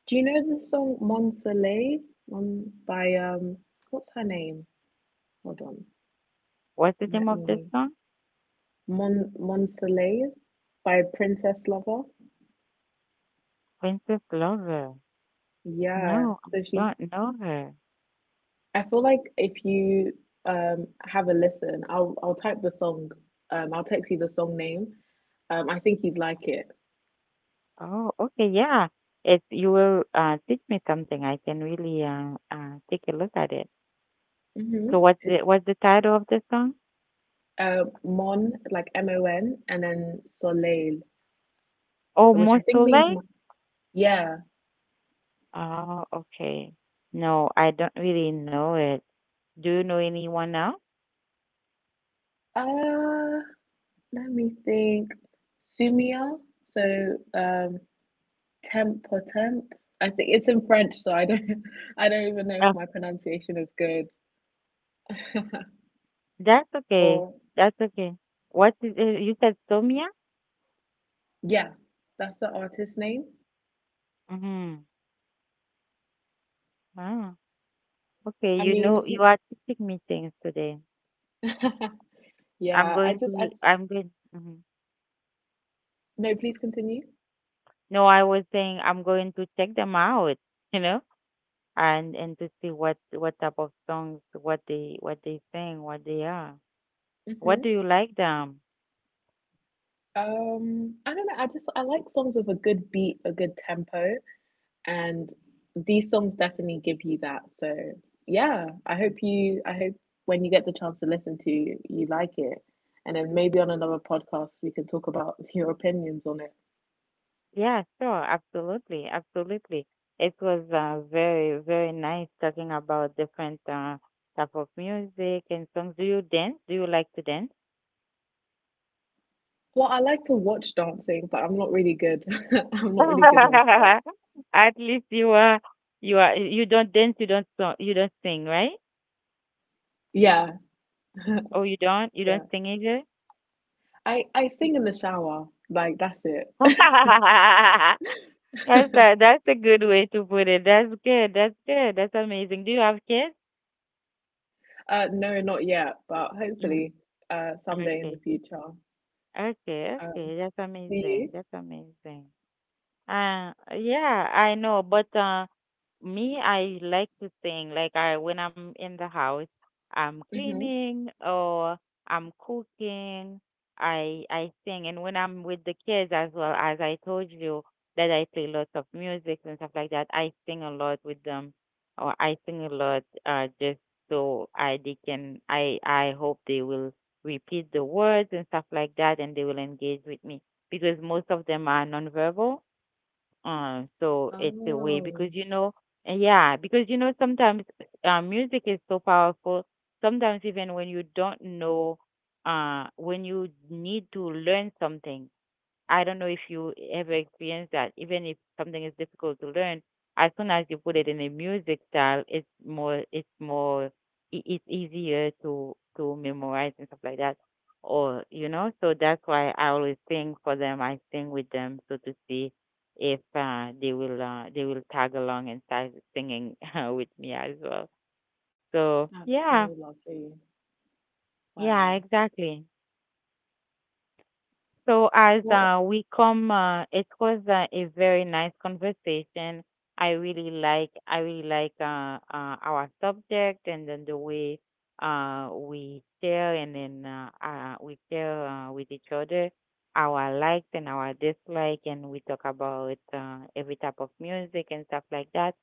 S2: Do you know the song Mon Soleil, Mon, by um what's her name? Hold on.
S1: What's the
S2: Let
S1: name of the
S2: me
S1: song?
S2: Mon Mon Soleil by Princess Lover.
S1: Princess Lover.
S2: Yeah.
S1: No,
S2: So
S1: I
S2: she
S1: don't know her.
S2: I feel like if you um have a listen, I'll I'll type the song. Um I'll text you the song name. Um I think you'd like it.
S1: Oh, okay, yeah. If you will uh, teach me something, I can really uh, uh, take a look at it.
S2: Hmm.
S1: So what's
S2: It's
S1: the what's the title of the song?
S2: uh Mon like M O N and then Soleil,
S1: Oh,
S2: which I
S1: Mon.
S2: think means mon- yeah.
S1: Oh, okay. No, I don't really know it. Do you know anyone else?
S2: Uh, Let me think. Sumia. So um, temp or temp. I think it's in French, so I don't. I don't even know if
S1: Uh,
S2: my pronunciation is good.
S1: that's okay.
S2: or
S1: That's okay. What is it? You said Somia?
S2: yeah, that's the artist name.
S1: Mm-hmm. Oh, okay.
S2: I
S1: You know,
S2: mean,
S1: you are teaching me things today.
S2: who,
S1: I'm
S2: yeah. I
S1: going
S2: just. I.
S1: to, I'm going, mhm.
S2: No. Please continue.
S1: No, I was saying I'm going to check them out, you know? and and to see what what type of songs, what they what they sing, what they are, what do
S2: Hmm.
S1: you like them.
S2: Um, I don't know. I just I like songs with a good beat, a good tempo. And these songs definitely give you that, so yeah, i hope you I hope when you get the chance to listen to, you like it, and then maybe on another podcast we can talk about your opinions on it.
S1: Yeah, sure, absolutely, absolutely. It was uh, very, very nice talking about different uh, type of music and songs. Do you dance? Do you like to dance?
S2: Well, I like to watch dancing, but I'm not really good. I'm not really good myself.
S1: At least you are, you are you don't dance, you don't song, you don't sing, right?
S2: Yeah.
S1: Oh, you don't you
S2: Yeah,
S1: don't sing either?
S2: i i sing in the shower, like that's it.
S1: That's that. That's a good way to put it. That's good. That's good. That's amazing. Do you have kids?
S2: Uh no, not yet, but
S1: Mm.
S2: hopefully uh someday in the
S1: Okay.
S2: future.
S1: Okay.
S2: um
S1: Okay. That's
S2: do
S1: amazing.
S2: you
S1: That's amazing. Uh, yeah, I know, but uh, me, I like to sing. Like I, when I'm in the house, I'm
S2: mm-hmm.
S1: cleaning or I'm cooking. I I sing, and when I'm with the kids as well, as I told you that I play lots of music and stuff like that. I sing a lot with them, or I sing a lot uh, just so I they can. I I hope they will repeat the words and stuff like that, and they will engage with me because most of them are nonverbal, uh, so it's a way because
S2: Oh.
S1: you know, uh, yeah, because you know sometimes, uh, music is so powerful. Sometimes even when you don't know, uh, when you need to learn something, I don't know if you ever experienced that. Even if something is difficult to learn, as soon as you put it in a music style, it's more it's more i- it's easier to to memorize and stuff like that. Or you know, so that's why I always sing for them. I sing with them so to see if uh, they will uh, they will tag along and start singing uh, with me as well. So
S2: That's
S1: yeah,
S2: so lovely.
S1: yeah,
S2: Wow.
S1: exactly. So as
S2: Well,
S1: uh, we come, uh, it was uh, a very nice conversation. I really like, I really like uh, uh, our subject and then the way uh, we share and then uh, uh, we share uh, with each other our likes and our dislike, and we talk about uh, every type of music and stuff like that.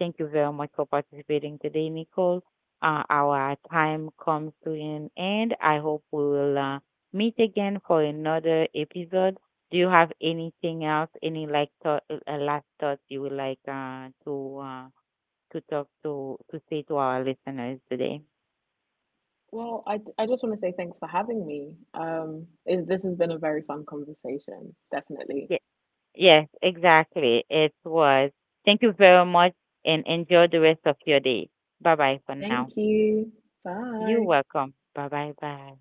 S1: Thank you very much for participating today, Nicole. Uh, our time comes to an end. I hope we will. Uh, meet again for another episode. Do you have anything else, any like thought, uh, uh, last thoughts you would like uh, to uh, to talk to to say to our listeners today?
S2: well, I, I just want to say thanks for having me. Um, it, this has been a very fun conversation, definitely.
S1: Yes, yes, exactly. It was. Thank you very much, and enjoy the rest of your day. Bye bye for now.
S2: Thank you.
S1: You're
S2: Bye.
S1: welcome. Bye bye bye.